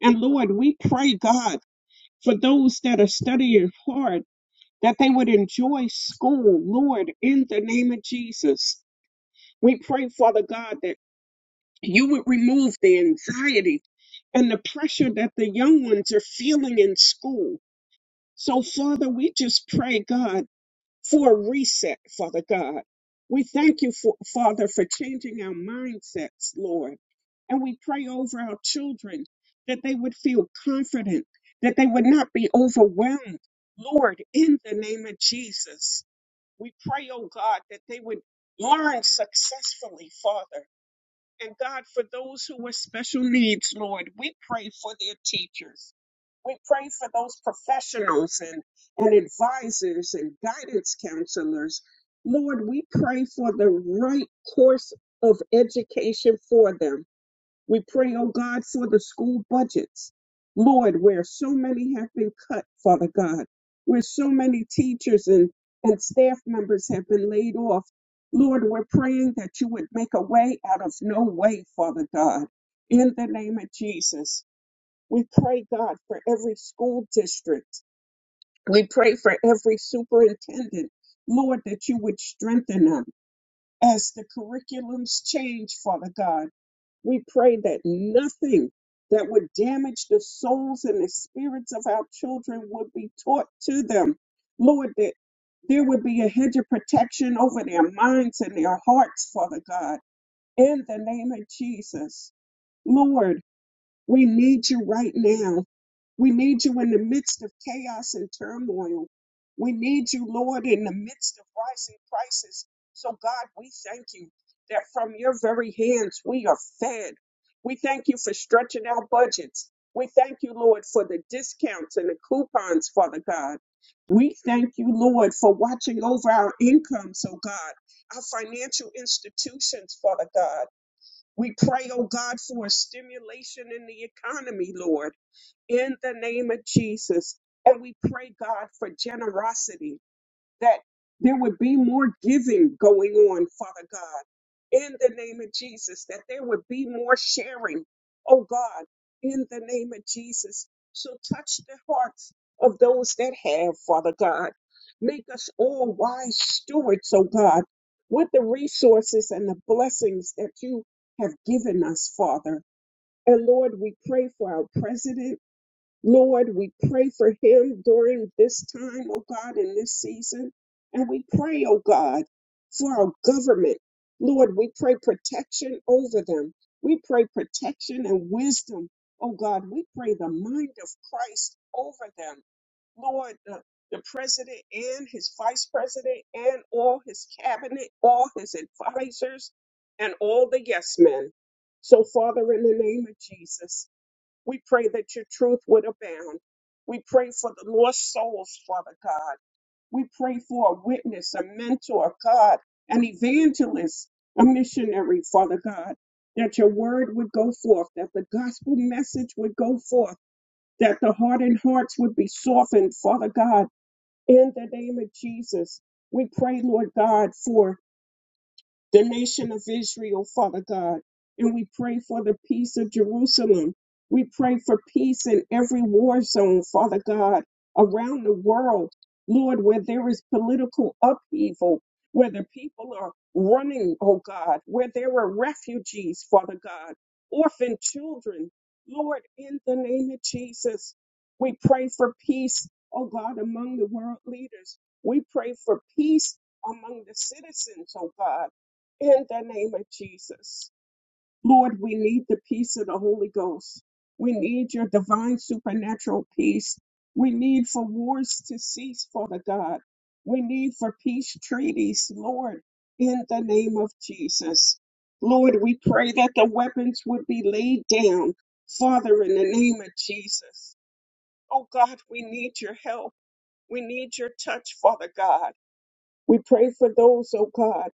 [SPEAKER 3] And Lord, we pray, God, for those that are studying hard, that they would enjoy school, Lord, in the name of Jesus. We pray, Father God, that you would remove the anxiety and the pressure that the young ones are feeling in school. So, Father, we just pray, God, for a reset, Father God. We thank you, for, Father, for changing our mindsets, Lord. And we pray over our children that they would feel confident, that they would not be overwhelmed. Lord, in the name of Jesus, we pray, oh God, that they would learn successfully, Father. And God, for those who with special needs, Lord, we pray for their teachers. We pray for those professionals and, and advisors and guidance counselors. Lord, we pray for the right course of education for them we pray, oh God, for the school budgets. Lord, where so many have been cut, Father God, where so many teachers and, and staff members have been laid off. Lord, we're praying that you would make a way out of no way, Father God, in the name of Jesus. We pray, God, for every school district. We pray for every superintendent. Lord, that you would strengthen them as the curriculums change, Father God. We pray that nothing that would damage the souls and the spirits of our children would be taught to them. Lord, that there would be a hedge of protection over their minds and their hearts, Father God, in the name of Jesus. Lord, we need you right now. We need you in the midst of chaos and turmoil. We need you, Lord, in the midst of rising prices. So, God, we thank you that from your very hands we are fed. We thank you for stretching our budgets. We thank you, Lord, for the discounts and the coupons, Father God. We thank you, Lord, for watching over our incomes, oh God, our financial institutions, Father God. We pray, oh God, for a stimulation in the economy, Lord, in the name of Jesus. And we pray, God, for generosity that there would be more giving going on, Father God, in the name of Jesus, that there would be more sharing, oh God, in the name of Jesus. So touch the hearts of those that have, Father God. Make us all wise stewards, oh God, with the resources and the blessings that you have given us, Father. And Lord, we pray for our president. Lord, we pray for him during this time, oh God, in this season. And we pray, oh God, for our government. Lord, we pray protection over them. We pray protection and wisdom, oh God. We pray the mind of Christ over them. Lord, the, the president and his vice president and all his cabinet, all his advisors, and all the yes men. So, Father, in the name of Jesus, we pray that your truth would abound. We pray for the lost souls, Father God. We pray for a witness, a mentor, God, an evangelist, a missionary, Father God, that your word would go forth, that the gospel message would go forth, that the hardened hearts would be softened, Father God, in the name of Jesus. We pray, Lord God, for the nation of Israel, Father God. And we pray for the peace of Jerusalem. We pray for peace in every war zone, Father God, around the world, Lord, where there is political upheaval, where the people are running, oh God, where there are refugees, Father God, orphan children. Lord, in the name of Jesus, we pray for peace, oh God, among the world leaders. We pray for peace among the citizens, oh God in the name of Jesus. Lord, we need the peace of the Holy Ghost. We need your divine supernatural peace. We need for wars to cease, Father God. We need for peace treaties, Lord, in the name of Jesus. Lord, we pray that the weapons would be laid down, Father, in the name of Jesus. Oh God, we need your help. We need your touch, Father God. We pray for those, oh God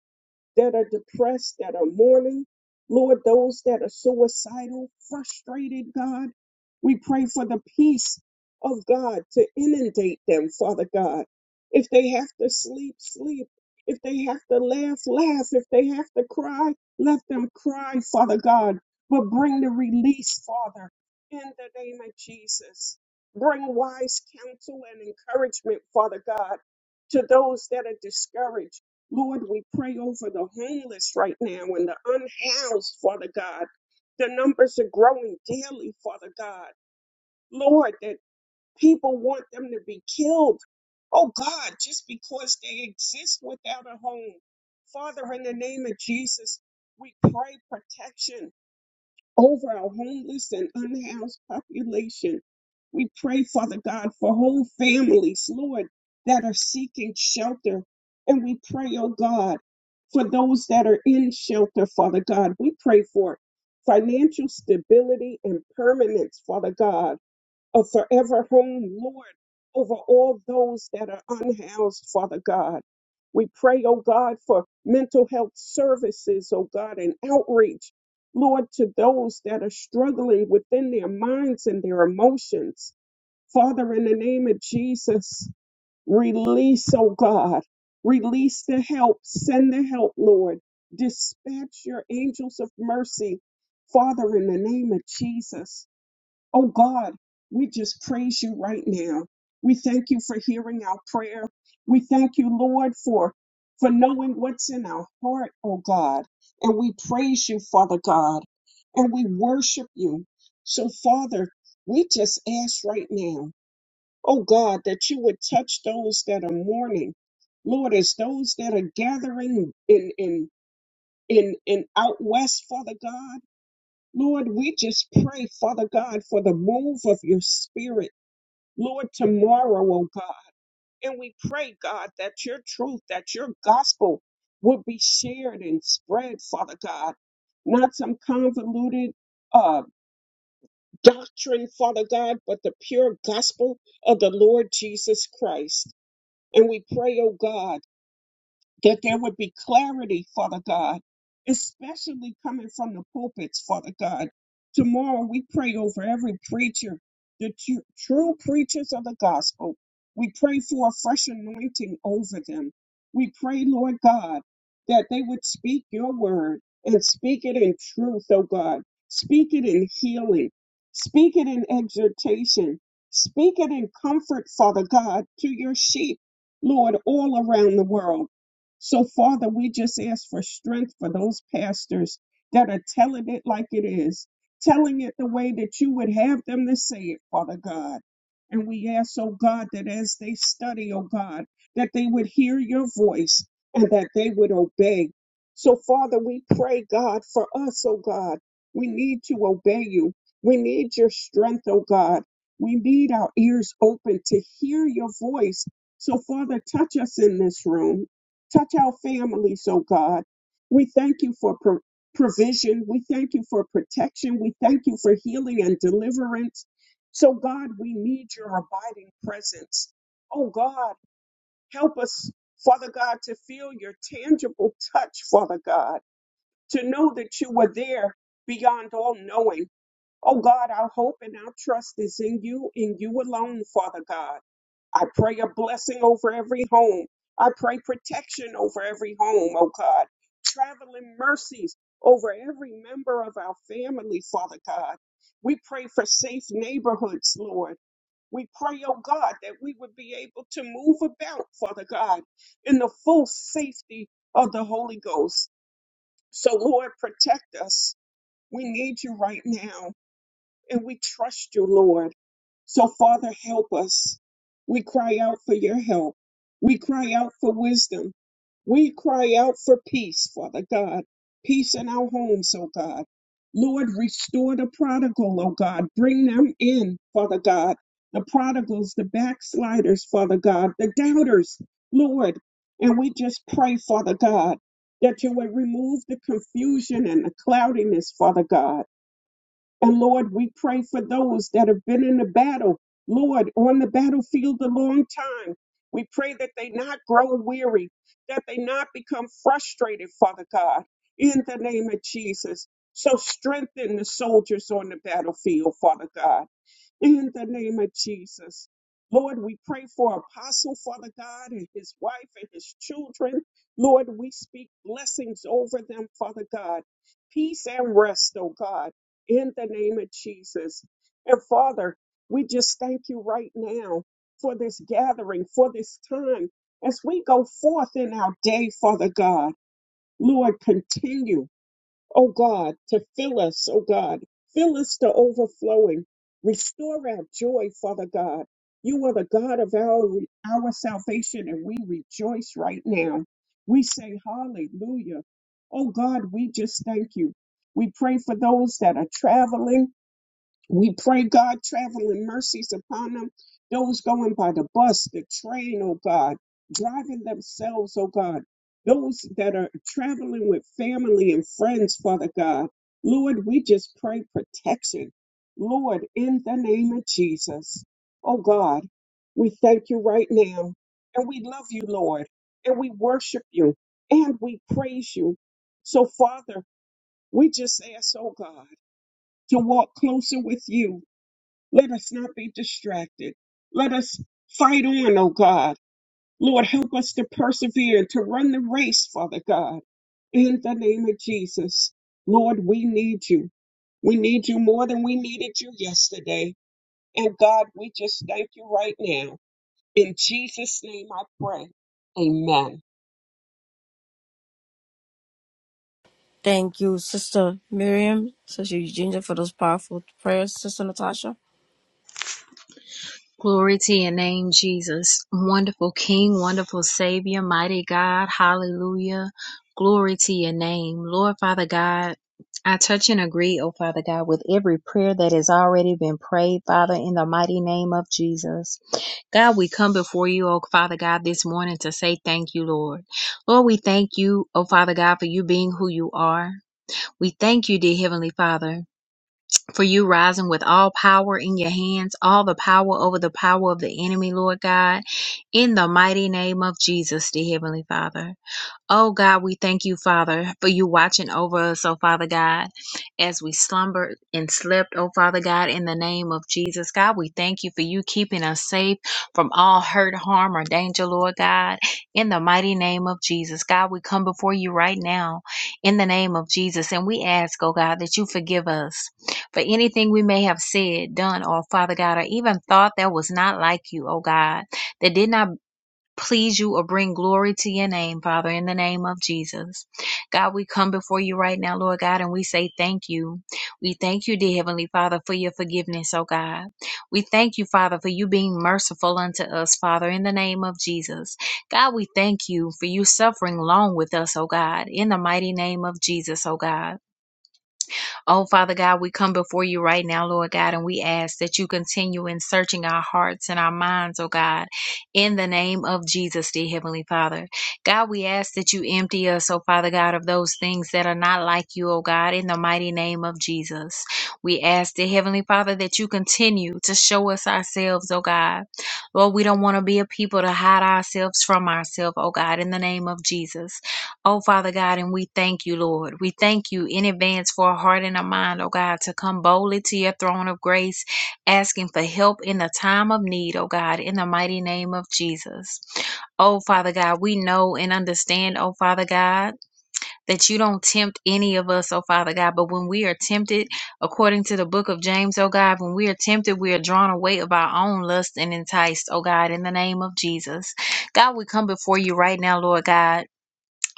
[SPEAKER 3] that are depressed, that are mourning. Lord, those that are suicidal, frustrated, God. We pray for the peace of God to inundate them, Father God. If they have to sleep, sleep. If they have to laugh, laugh. If they have to cry, let them cry, Father God. But bring the release, Father, in the name of Jesus. Bring wise counsel and encouragement, Father God, to those that are discouraged Lord, we pray over the homeless right now and the unhoused, Father God. The numbers are growing daily, Father God. Lord, that people want them to be killed. Oh God, just because they exist without a home. Father, in the name of Jesus, we pray protection over our homeless and unhoused population. We pray, Father God, for whole families, Lord, that are seeking shelter. And we pray, oh God, for those that are in shelter, Father God. We pray for financial stability and permanence, Father God a forever home, Lord, over all those that are unhoused, Father God. We pray, oh God, for mental health services, oh God, and outreach, Lord, to those that are struggling within their minds and their emotions. Father, in the name of Jesus, release, oh God, release the help, send the help, Lord. Dispatch your angels of mercy, Father, in the name of Jesus. Oh God, we just praise you right now. We thank you for hearing our prayer. We thank you, Lord, for for knowing what's in our heart, oh God. And we praise you, Father God, and we worship you. So, Father, we just ask right now, oh God, that you would touch those that are mourning. Lord, as those that are gathering in in in in out west, Father God. Lord, we just pray, Father God, for the move of your spirit, Lord, tomorrow, oh God. And we pray, God, that your truth, that your gospel would be shared and spread, Father God. Not some convoluted uh, doctrine, Father God, but the pure gospel of the Lord Jesus Christ. And we pray, oh God that there would be clarity, Father God, especially coming from the pulpits, Father God. Tomorrow we pray over every preacher, the tru- true preachers of the gospel. We pray for a fresh anointing over them. We pray, Lord God, that they would speak your word and speak it in truth, oh God. Speak it in healing. Speak it in exhortation. Speak it in comfort, Father God, to your sheep, Lord, all around the world. So, Father, we just ask for strength for those pastors that are telling it like it is, telling it the way that you would have them to say it, Father God. And we ask, oh God, that as they study, oh God, that they would hear your voice and that they would obey. So, Father, we pray, God, for us, oh God. We need to obey you. We need your strength, oh God. We need our ears open to hear your voice. So, Father, touch us in this room. Touch our families, oh God. We thank you for pro- provision. We thank you for protection. We thank you for healing and deliverance. So, God, we need your abiding presence. Oh, God, help us, Father God, to feel your tangible touch, Father God, to know that you were there beyond all knowing. Oh, God, our hope and our trust is in you, in you alone, Father God. I pray a blessing over every home. I pray protection over every home, oh God. Traveling mercies over every member of our family, Father God. We pray for safe neighborhoods, Lord. We pray, oh God, that we would be able to move about, Father God, in the full safety of the Holy Ghost. So, Lord, protect us. We need you right now, and we trust you, Lord. So, Father, help us. We cry out for your help. We cry out for wisdom. We cry out for peace, Father God. Peace in our homes, oh God. Lord, restore the prodigal, oh God. Bring them in, Father God. The prodigals, the backsliders, Father God, the doubters, Lord. And we just pray, Father God, that you would remove the confusion and the cloudiness, Father God. And Lord, we pray for those that have been in the battle, Lord, on the battlefield a long time. We pray that they not grow weary, that they not become frustrated, Father God, in the name of Jesus. So strengthen the soldiers on the battlefield, Father God. In the name of Jesus. Lord, we pray for Apostle, Father God, and his wife and his children. Lord, we speak blessings over them, Father God. Peace and rest, oh God, in the name of Jesus. And Father, we just thank you right now for this gathering, for this time. As we go forth in our day, Father God, Lord, continue oh God, to fill us, oh God. Fill us to overflowing. Restore our joy, Father God. You are the God of our, our salvation, and we rejoice right now. We say hallelujah. Oh God, we just thank you. We pray for those that are traveling. We pray, God, traveling mercies upon them. Those going by the bus, the train, oh God, driving themselves, oh God. Those that are traveling with family and friends, Father God. Lord, we just pray protection. Lord, in the name of Jesus. Oh God, we thank you right now. And we love you, Lord. And we worship you. And we praise you. So, Father, we just ask, oh God, to walk closer with you let us not be distracted. Let us fight on, oh God. Lord, help us to persevere and to run the race, Father God. In the name of Jesus, Lord, we need you. We need you more than we needed you yesterday. And God, we just thank you right now. In Jesus' name I pray. Amen.
[SPEAKER 1] Thank you, Sister Miriam, Sister Eugenia, for those powerful prayers, Sister Natasha.
[SPEAKER 2] Glory to your name, Jesus. Wonderful King, wonderful Savior, mighty God. Hallelujah. Glory to your name. Lord Father God, I touch and agree, oh Father God, with every prayer that has already been prayed, Father, in the mighty name of Jesus. God, we come before you, oh Father God, this morning to say thank you, Lord. Lord, we thank you, oh Father God, for you being who you are. We thank you, dear Heavenly Father for you rising with all power in your hands, all the power over the power of the enemy, Lord God, in the mighty name of Jesus, the Heavenly Father. Oh God, we thank you, Father, for you watching over us, oh Father God, as we slumbered and slept, oh Father God, in the name of Jesus. God, we thank you for you keeping us safe from all hurt, harm, or danger, Lord God, in the mighty name of Jesus. God, we come before you right now in the name of Jesus, and we ask, oh God, that you forgive us for anything we may have said, done, or Father God, or even thought that was not like you, oh God, that did not please you or bring glory to your name, Father, in the name of Jesus. God, we come before you right now, Lord God, and we say thank you. We thank you, dear Heavenly Father, for your forgiveness, oh God. We thank you, Father, for you being merciful unto us, Father, in the name of Jesus. God, we thank you for you suffering long with us, oh God, in the mighty name of Jesus, oh God. Oh, Father God, we come before you right now, Lord God, and we ask that you continue in searching our hearts and our minds, oh God, in the name of Jesus, dear Heavenly Father. God, we ask that you empty us, oh Father God, of those things that are not like you, oh God, in the mighty name of Jesus. We ask, dear Heavenly Father, that you continue to show us ourselves, oh God. Lord, we don't want to be a people to hide ourselves from ourselves, oh God, in the name of Jesus. Oh, Father God, and we thank you, Lord. We thank you in advance for a heart and a mind, oh God, to come boldly to your throne of grace, asking for help in the time of need, oh God, in the mighty name of Jesus. Oh, Father God, we know and understand, oh Father God, that you don't tempt any of us, oh Father God, but when we are tempted, according to the book of James, oh God, when we are tempted, we are drawn away of our own lust and enticed, oh God, in the name of Jesus. God, we come before you right now, Lord God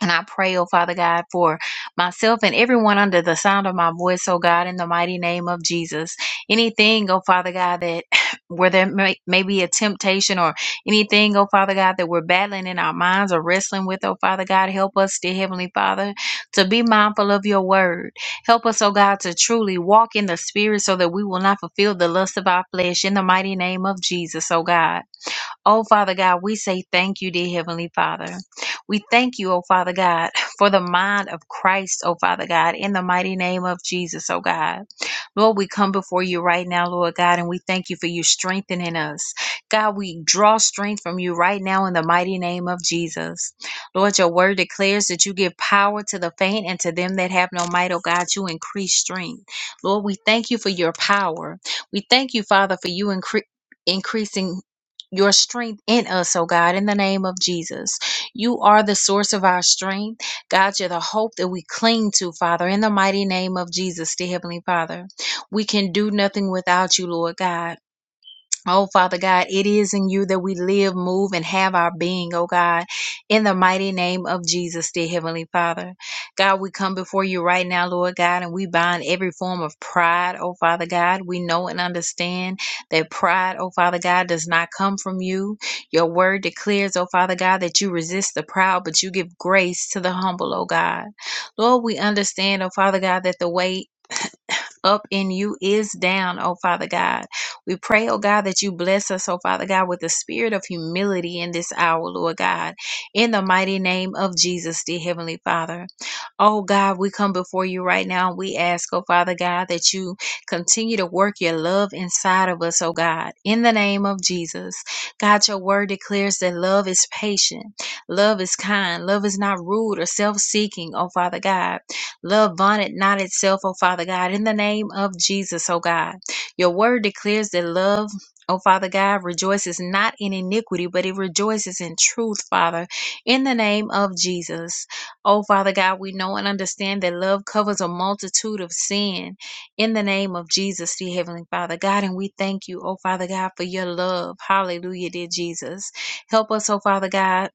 [SPEAKER 2] and I pray, oh Father God, for myself and everyone under the sound of my voice, oh God, in the mighty name of Jesus. Anything, oh Father God, that where there may, may be a temptation or anything, oh Father God, that we're battling in our minds or wrestling with, oh Father God, help us, dear Heavenly Father, to be mindful of your word. Help us, oh God, to truly walk in the spirit so that we will not fulfill the lust of our flesh in the mighty name of Jesus, oh God. Oh, Father God, we say thank you, dear Heavenly Father. We thank you, oh Father God, for the mind of Christ, oh Father God, in the mighty name of Jesus, oh God. Lord, we come before you right now, Lord God, and we thank you for you strengthening us. God, we draw strength from you right now in the mighty name of Jesus. Lord, your word declares that you give power to the faint and to them that have no might, oh God, you increase strength. Lord, we thank you for your power. We thank you, Father, for you incre- increasing your strength in us, oh God, in the name of Jesus. You are the source of our strength. God, you're the hope that we cling to, Father, in the mighty name of Jesus, dear Heavenly Father. We can do nothing without you, Lord God. Oh, Father God, it is in you that we live, move, and have our being, oh God, in the mighty name of Jesus, dear Heavenly Father. God, we come before you right now, Lord God, and we bind every form of pride, oh Father God. We know and understand that pride, oh Father God, does not come from you. Your word declares, oh Father God, that you resist the proud, but you give grace to the humble, oh God. Lord, we understand, oh Father God, that the way up in you is down, oh Father God. We pray, oh God, that you bless us, oh Father God, with the spirit of humility in this hour, Lord God. In the mighty name of Jesus, dear Heavenly Father. Oh God, we come before you right now. We ask, oh Father God, that you continue to work your love inside of us, oh God, in the name of Jesus. God, your word declares that love is patient, love is kind, love is not rude or self seeking, oh Father God. Love vaunteth not itself, O Father God, in the name of Jesus, O God. Your word declares that love, O Father God, rejoices not in iniquity, but it rejoices in truth, Father, in the name of Jesus. O Father God, we know and understand that love covers a multitude of sin in the name of Jesus, dear Heavenly Father God. And we thank you, O Father God, for your love. Hallelujah, dear Jesus. Help us, O Father God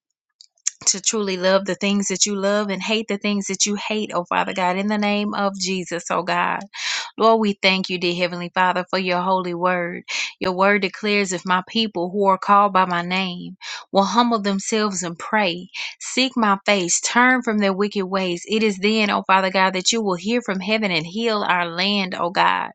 [SPEAKER 2] to truly love the things that you love and hate the things that you hate, oh Father God, in the name of Jesus, oh God. Lord, we thank you, dear Heavenly Father, for your holy word. Your word declares if my people who are called by my name will humble themselves and pray, seek my face, turn from their wicked ways, it is then, oh Father God, that you will hear from heaven and heal our land, oh God.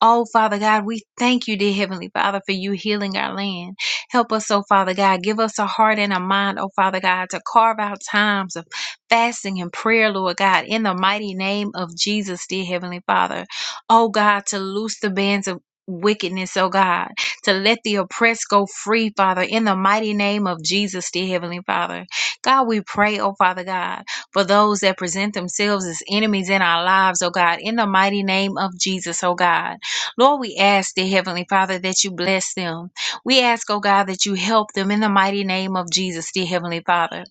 [SPEAKER 2] Oh, Father God, we thank you, dear Heavenly Father, for you healing our land. Help us, oh, Father God. Give us a heart and a mind, oh, Father God, to carve out times of fasting and prayer, Lord God, in the mighty name of Jesus, dear Heavenly Father. Oh, God, to loose the bands of Wickedness, oh God, to let the oppressed go free, Father, in the mighty name of Jesus, dear Heavenly Father. God, we pray, oh Father God, for those that present themselves as enemies in our lives, oh God, in the mighty name of Jesus, oh God. Lord, we ask, dear Heavenly Father, that you bless them. We ask, oh God, that you help them in the mighty name of Jesus, dear Heavenly Father.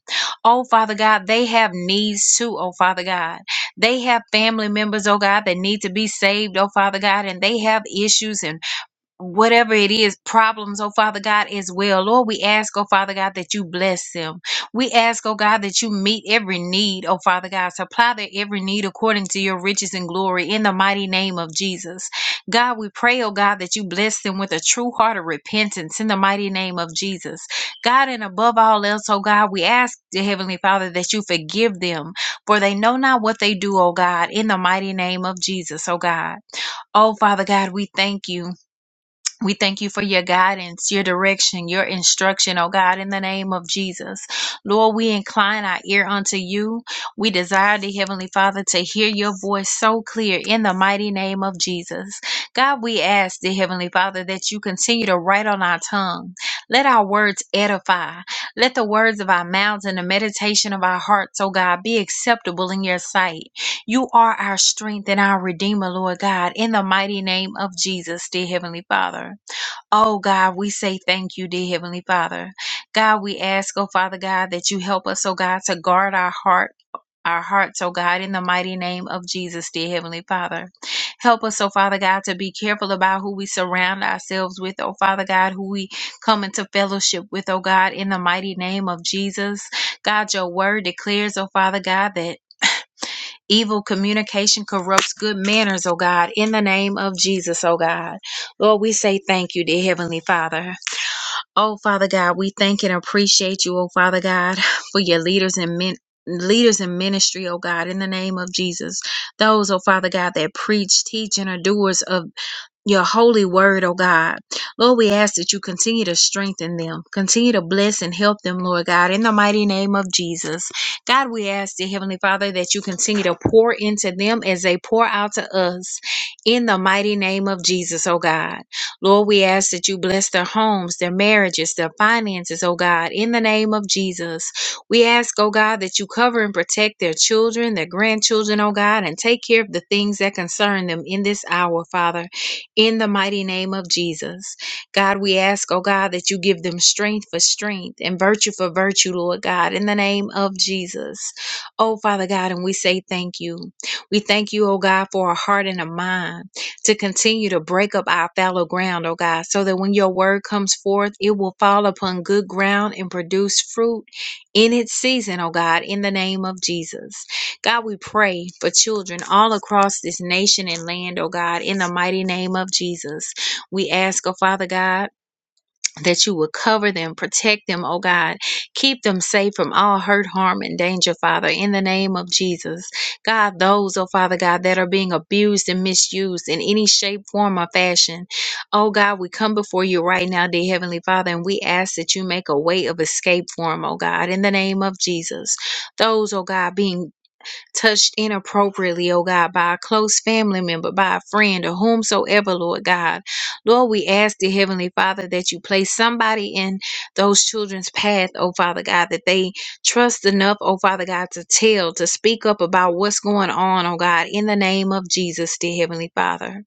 [SPEAKER 2] Oh, Father God, they have needs too, oh Father God. They have family members, oh God, that need to be saved, oh Father God, and they have issues and whatever it is, problems, oh Father God, as well. Lord, we ask, oh Father God, that you bless them. We ask, oh God, that you meet every need, oh Father God, supply their every need according to your riches and glory in the mighty name of Jesus. God, we pray, oh God, that you bless them with a true heart of repentance in the mighty name of Jesus. God, and above all else, oh God, we ask, the Heavenly Father, that you forgive them, for they know not what they do, oh God, in the mighty name of Jesus, oh God. Oh Father God, we thank you. We thank you for your guidance, your direction, your instruction, oh God, in the name of Jesus. Lord, we incline our ear unto you. We desire the Heavenly Father to hear your voice so clear in the mighty name of Jesus. God, we ask the Heavenly Father that you continue to write on our tongue. Let our words edify. Let the words of our mouths and the meditation of our hearts, oh God, be acceptable in your sight. You are our strength and our Redeemer, Lord God, in the mighty name of Jesus, dear Heavenly Father. Oh God, we say thank you, dear Heavenly Father. God, we ask, oh Father God, that you help us, oh God, to guard our heart. Our hearts, oh God, in the mighty name of Jesus, dear Heavenly Father. Help us, oh Father God, to be careful about who we surround ourselves with, oh Father God, who we come into fellowship with, oh God, in the mighty name of Jesus. God, your word declares, oh Father God, that Evil communication corrupts good manners, oh God, in the name of Jesus, oh God. Lord, we say thank you, dear Heavenly Father. Oh, Father God, we thank and appreciate you, oh Father God, for your leaders and men. Leaders in ministry, oh God, in the name of Jesus. Those, oh Father God, that preach, teach, and are doers of your holy word, oh God. Lord, we ask that you continue to strengthen them, continue to bless and help them, Lord God, in the mighty name of Jesus. God, we ask, dear Heavenly Father, that you continue to pour into them as they pour out to us in the mighty name of Jesus, oh God. Lord, we ask that you bless their homes, their marriages, their finances, oh God, in the name of Jesus. We ask, oh God, that you cover and protect their children, their grandchildren, oh God, and take care of the things that concern them in this hour, Father in the mighty name of Jesus. God, we ask, oh God, that you give them strength for strength and virtue for virtue, Lord God, in the name of Jesus. Oh, Father God, and we say thank you. We thank you, oh God, for a heart and a mind to continue to break up our fallow ground, oh God, so that when your word comes forth, it will fall upon good ground and produce fruit in its season, oh God, in the name of Jesus. God, we pray for children all across this nation and land, oh God, in the mighty name of Jesus. We ask, oh Father God, that you would cover them, protect them, oh God. Keep them safe from all hurt, harm, and danger, Father, in the name of Jesus. God, those, oh Father God, that are being abused and misused in any shape, form, or fashion, oh God, we come before you right now, dear Heavenly Father, and we ask that you make a way of escape for them, oh God, in the name of Jesus those, oh God, being touched inappropriately, O God, by a close family member, by a friend, or whomsoever, Lord God. Lord, we ask the Heavenly Father that you place somebody in those children's path, O Father God, that they trust enough, O Father God, to tell, to speak up about what's going on, O God, in the name of Jesus, dear Heavenly Father.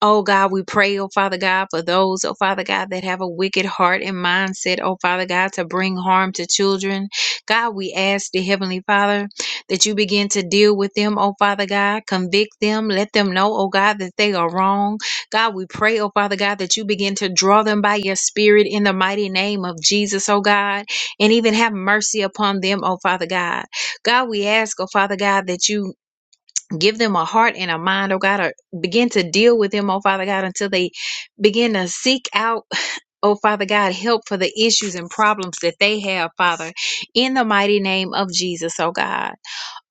[SPEAKER 2] Oh God, we pray, oh Father God, for those, oh Father God, that have a wicked heart and mindset, oh Father God, to bring harm to children. God, we ask the Heavenly Father that you begin to deal with them, oh Father God, convict them, let them know, oh God, that they are wrong. God, we pray, oh Father God, that you begin to draw them by your Spirit in the mighty name of Jesus, oh God, and even have mercy upon them, oh Father God. God, we ask, oh Father God, that you Give them a heart and a mind, oh God, or begin to deal with them, oh Father God, until they begin to seek out, oh Father God, help for the issues and problems that they have, Father, in the mighty name of Jesus, oh God.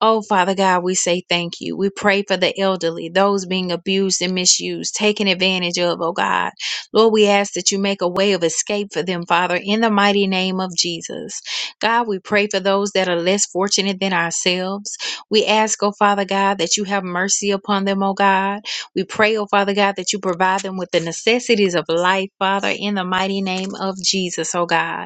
[SPEAKER 2] Oh, Father God, we say thank you. We pray for the elderly, those being abused and misused, taken advantage of, oh God. Lord, we ask that you make a way of escape for them, Father, in the mighty name of Jesus. God, we pray for those that are less fortunate than ourselves. We ask, oh Father God, that you have mercy upon them, oh God. We pray, oh Father God, that you provide them with the necessities of life, Father, in the mighty name of Jesus, oh God.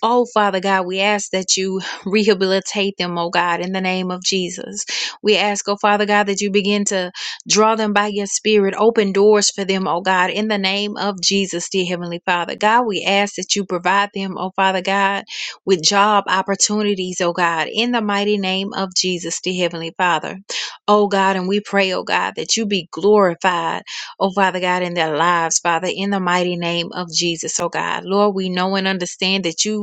[SPEAKER 2] Oh, Father God, we ask that you rehabilitate them, oh God, in the name of Jesus. We ask, oh Father God, that you begin to draw them by your spirit, open doors for them, oh God, in the name of Jesus, dear Heavenly Father. God, we ask that you provide them, oh Father God, with job opportunities, oh God, in the mighty name of Jesus, dear Heavenly Father. Oh God, and we pray, oh God, that you be glorified, oh Father God, in their lives, Father, in the mighty name of Jesus, oh God. Lord, we know and understand that you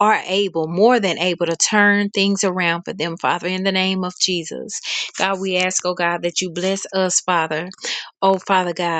[SPEAKER 2] are able, more than able, to turn things around for them, Father, in the name of Jesus. God, we ask, oh God, that you bless us, Father. Oh, Father God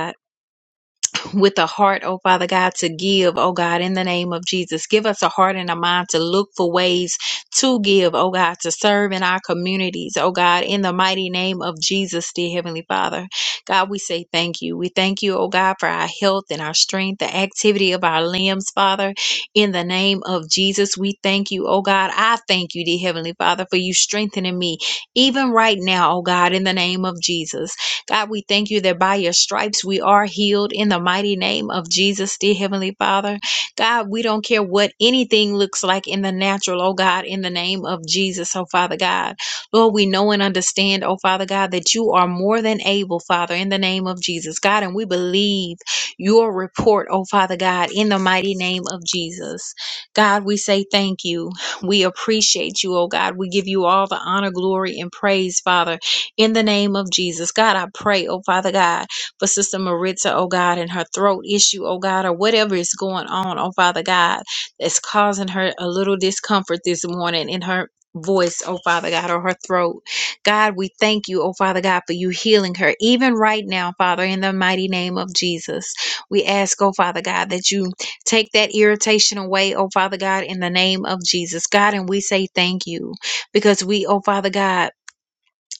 [SPEAKER 2] with a heart, oh Father God, to give, oh God, in the name of Jesus. Give us a heart and a mind to look for ways to give, oh God, to serve in our communities, oh God, in the mighty name of Jesus, dear Heavenly Father. God, we say thank you. We thank you, oh God, for our health and our strength, the activity of our limbs, Father, in the name of Jesus. We thank you, oh God. I thank you, dear Heavenly Father, for you strengthening me even right now, oh God, in the name of Jesus. God, we thank you that by your stripes we are healed in the mighty name of Jesus, dear Heavenly Father. God, we don't care what anything looks like in the natural, oh God, in the name of Jesus, oh Father God. Lord, we know and understand, oh Father God, that you are more than able, Father, in the name of Jesus, God, and we believe your report, oh Father God, in the mighty name of Jesus. God, we say thank you. We appreciate you, oh God. We give you all the honor, glory, and praise, Father in the name of Jesus. God, I pray, oh Father God, for Sister Maritza, oh God, and her throat issue, oh God, or whatever is going on, oh Father God, that's causing her a little discomfort this morning in her voice, oh Father God, or her throat. God, we thank you, oh Father God, for you healing her, even right now, Father, in the mighty name of Jesus. We ask, oh Father God, that you take that irritation away, oh Father God, in the name of Jesus. God, and we say thank you because we, oh Father God,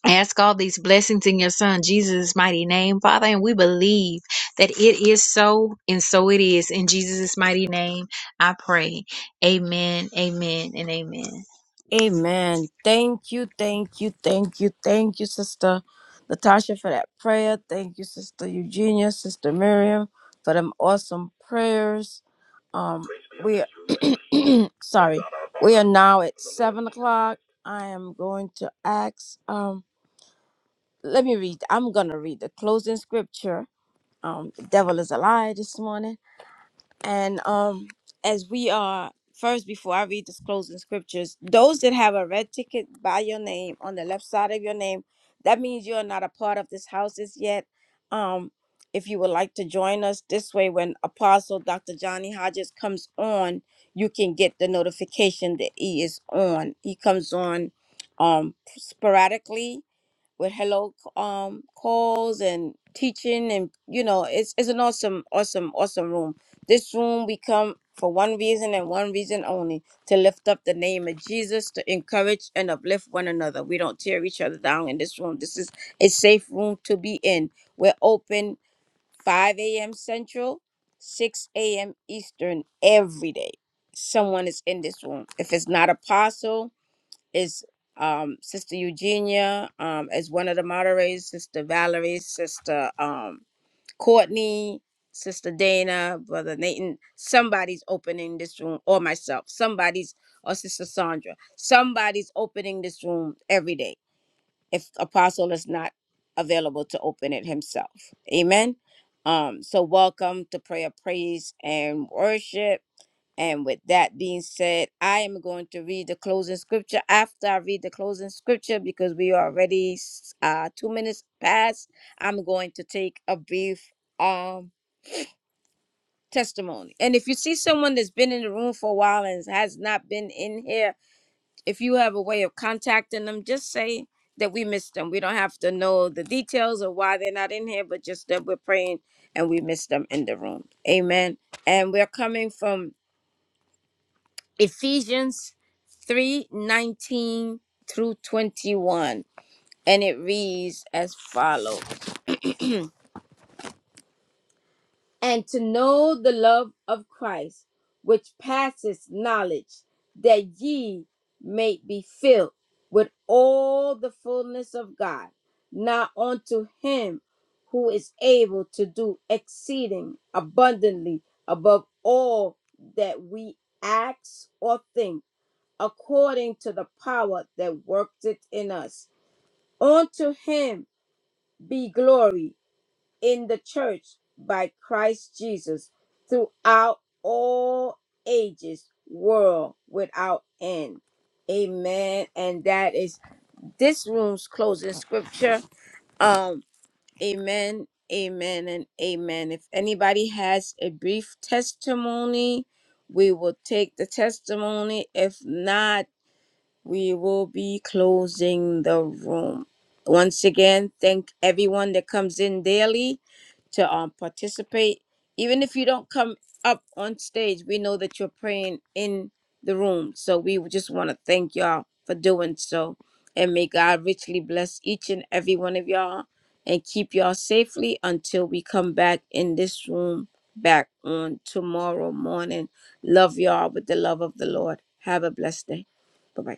[SPEAKER 2] I ask all these blessings in your son Jesus' mighty name, Father, and we believe that it is so, and so it is. In Jesus' mighty name, I pray. Amen, amen, and amen.
[SPEAKER 1] Amen. Thank you, thank you, thank you, thank you, Sister Natasha, for that prayer. Thank you, Sister Eugenia, Sister Miriam, for them awesome prayers. Um, we. sorry. We are now at seven o'clock. I am going to ask. Um, let me read. I'm gonna read the closing scripture. Um, the devil is a liar this morning. And um, as we are first, before I read this closing scriptures, those that have a red ticket by your name on the left side of your name, that means you are not a part of this house as yet. Um, if you would like to join us this way, when Apostle Dr. Johnny Hodges comes on, you can get the notification that he is on. He comes on um sporadically with hello um calls and teaching and you know it's it's an awesome awesome awesome room this room we come for one reason and one reason only to lift up the name of Jesus, to encourage and uplift one another. We don't tear each other down in this room. This is a safe room to be in. We're open 5 a.m. Central, 6 a.m. Eastern every day. Someone is in this room. If it's not Apostle, it's um, Sister Eugenia, um, as one of the moderators, Sister Valerie, Sister. um. Courtney, Sister Dana, Brother Nathan, somebody's opening this room, or myself, somebody's, or Sister Sandra, somebody's opening this room every day if Apostle is not available to open it himself. Amen. Um, so welcome to prayer, praise, and worship. And with that being said, I am going to read the closing scripture after I read the closing scripture because we are already uh, two minutes past. I'm going to take a brief um testimony. And if you see someone that's been in the room for a while and has not been in here, if you have a way of contacting them, just say that we missed them. We don't have to know the details of why they're not in here, but just that we're praying and we missed them in the room. Amen. And we're coming from Ephesians 3 19 through 21. And it reads as follows And to know the love of Christ, which passes knowledge, that ye may be filled with all the fullness of God. Now unto him who is able to do exceeding abundantly above all that we ask or think according to the power that worked it in us. Unto him be glory in the church by Christ Jesus throughout all ages, world without end. Amen. And that is this room's closing scripture. Um, amen, amen, and amen. If anybody has a brief testimony, we will take the testimony. If not, we will be closing the room. Once again, thank everyone that comes in daily to um, participate. Even if you don't come up on stage, we know that you're praying in the room. So we just want to thank y'all for doing so. And may God richly bless each and every one of y'all and keep y'all safely until we come back in this room back on tomorrow morning. Love y'all with the love of the Lord. Have a blessed day. Bye bye.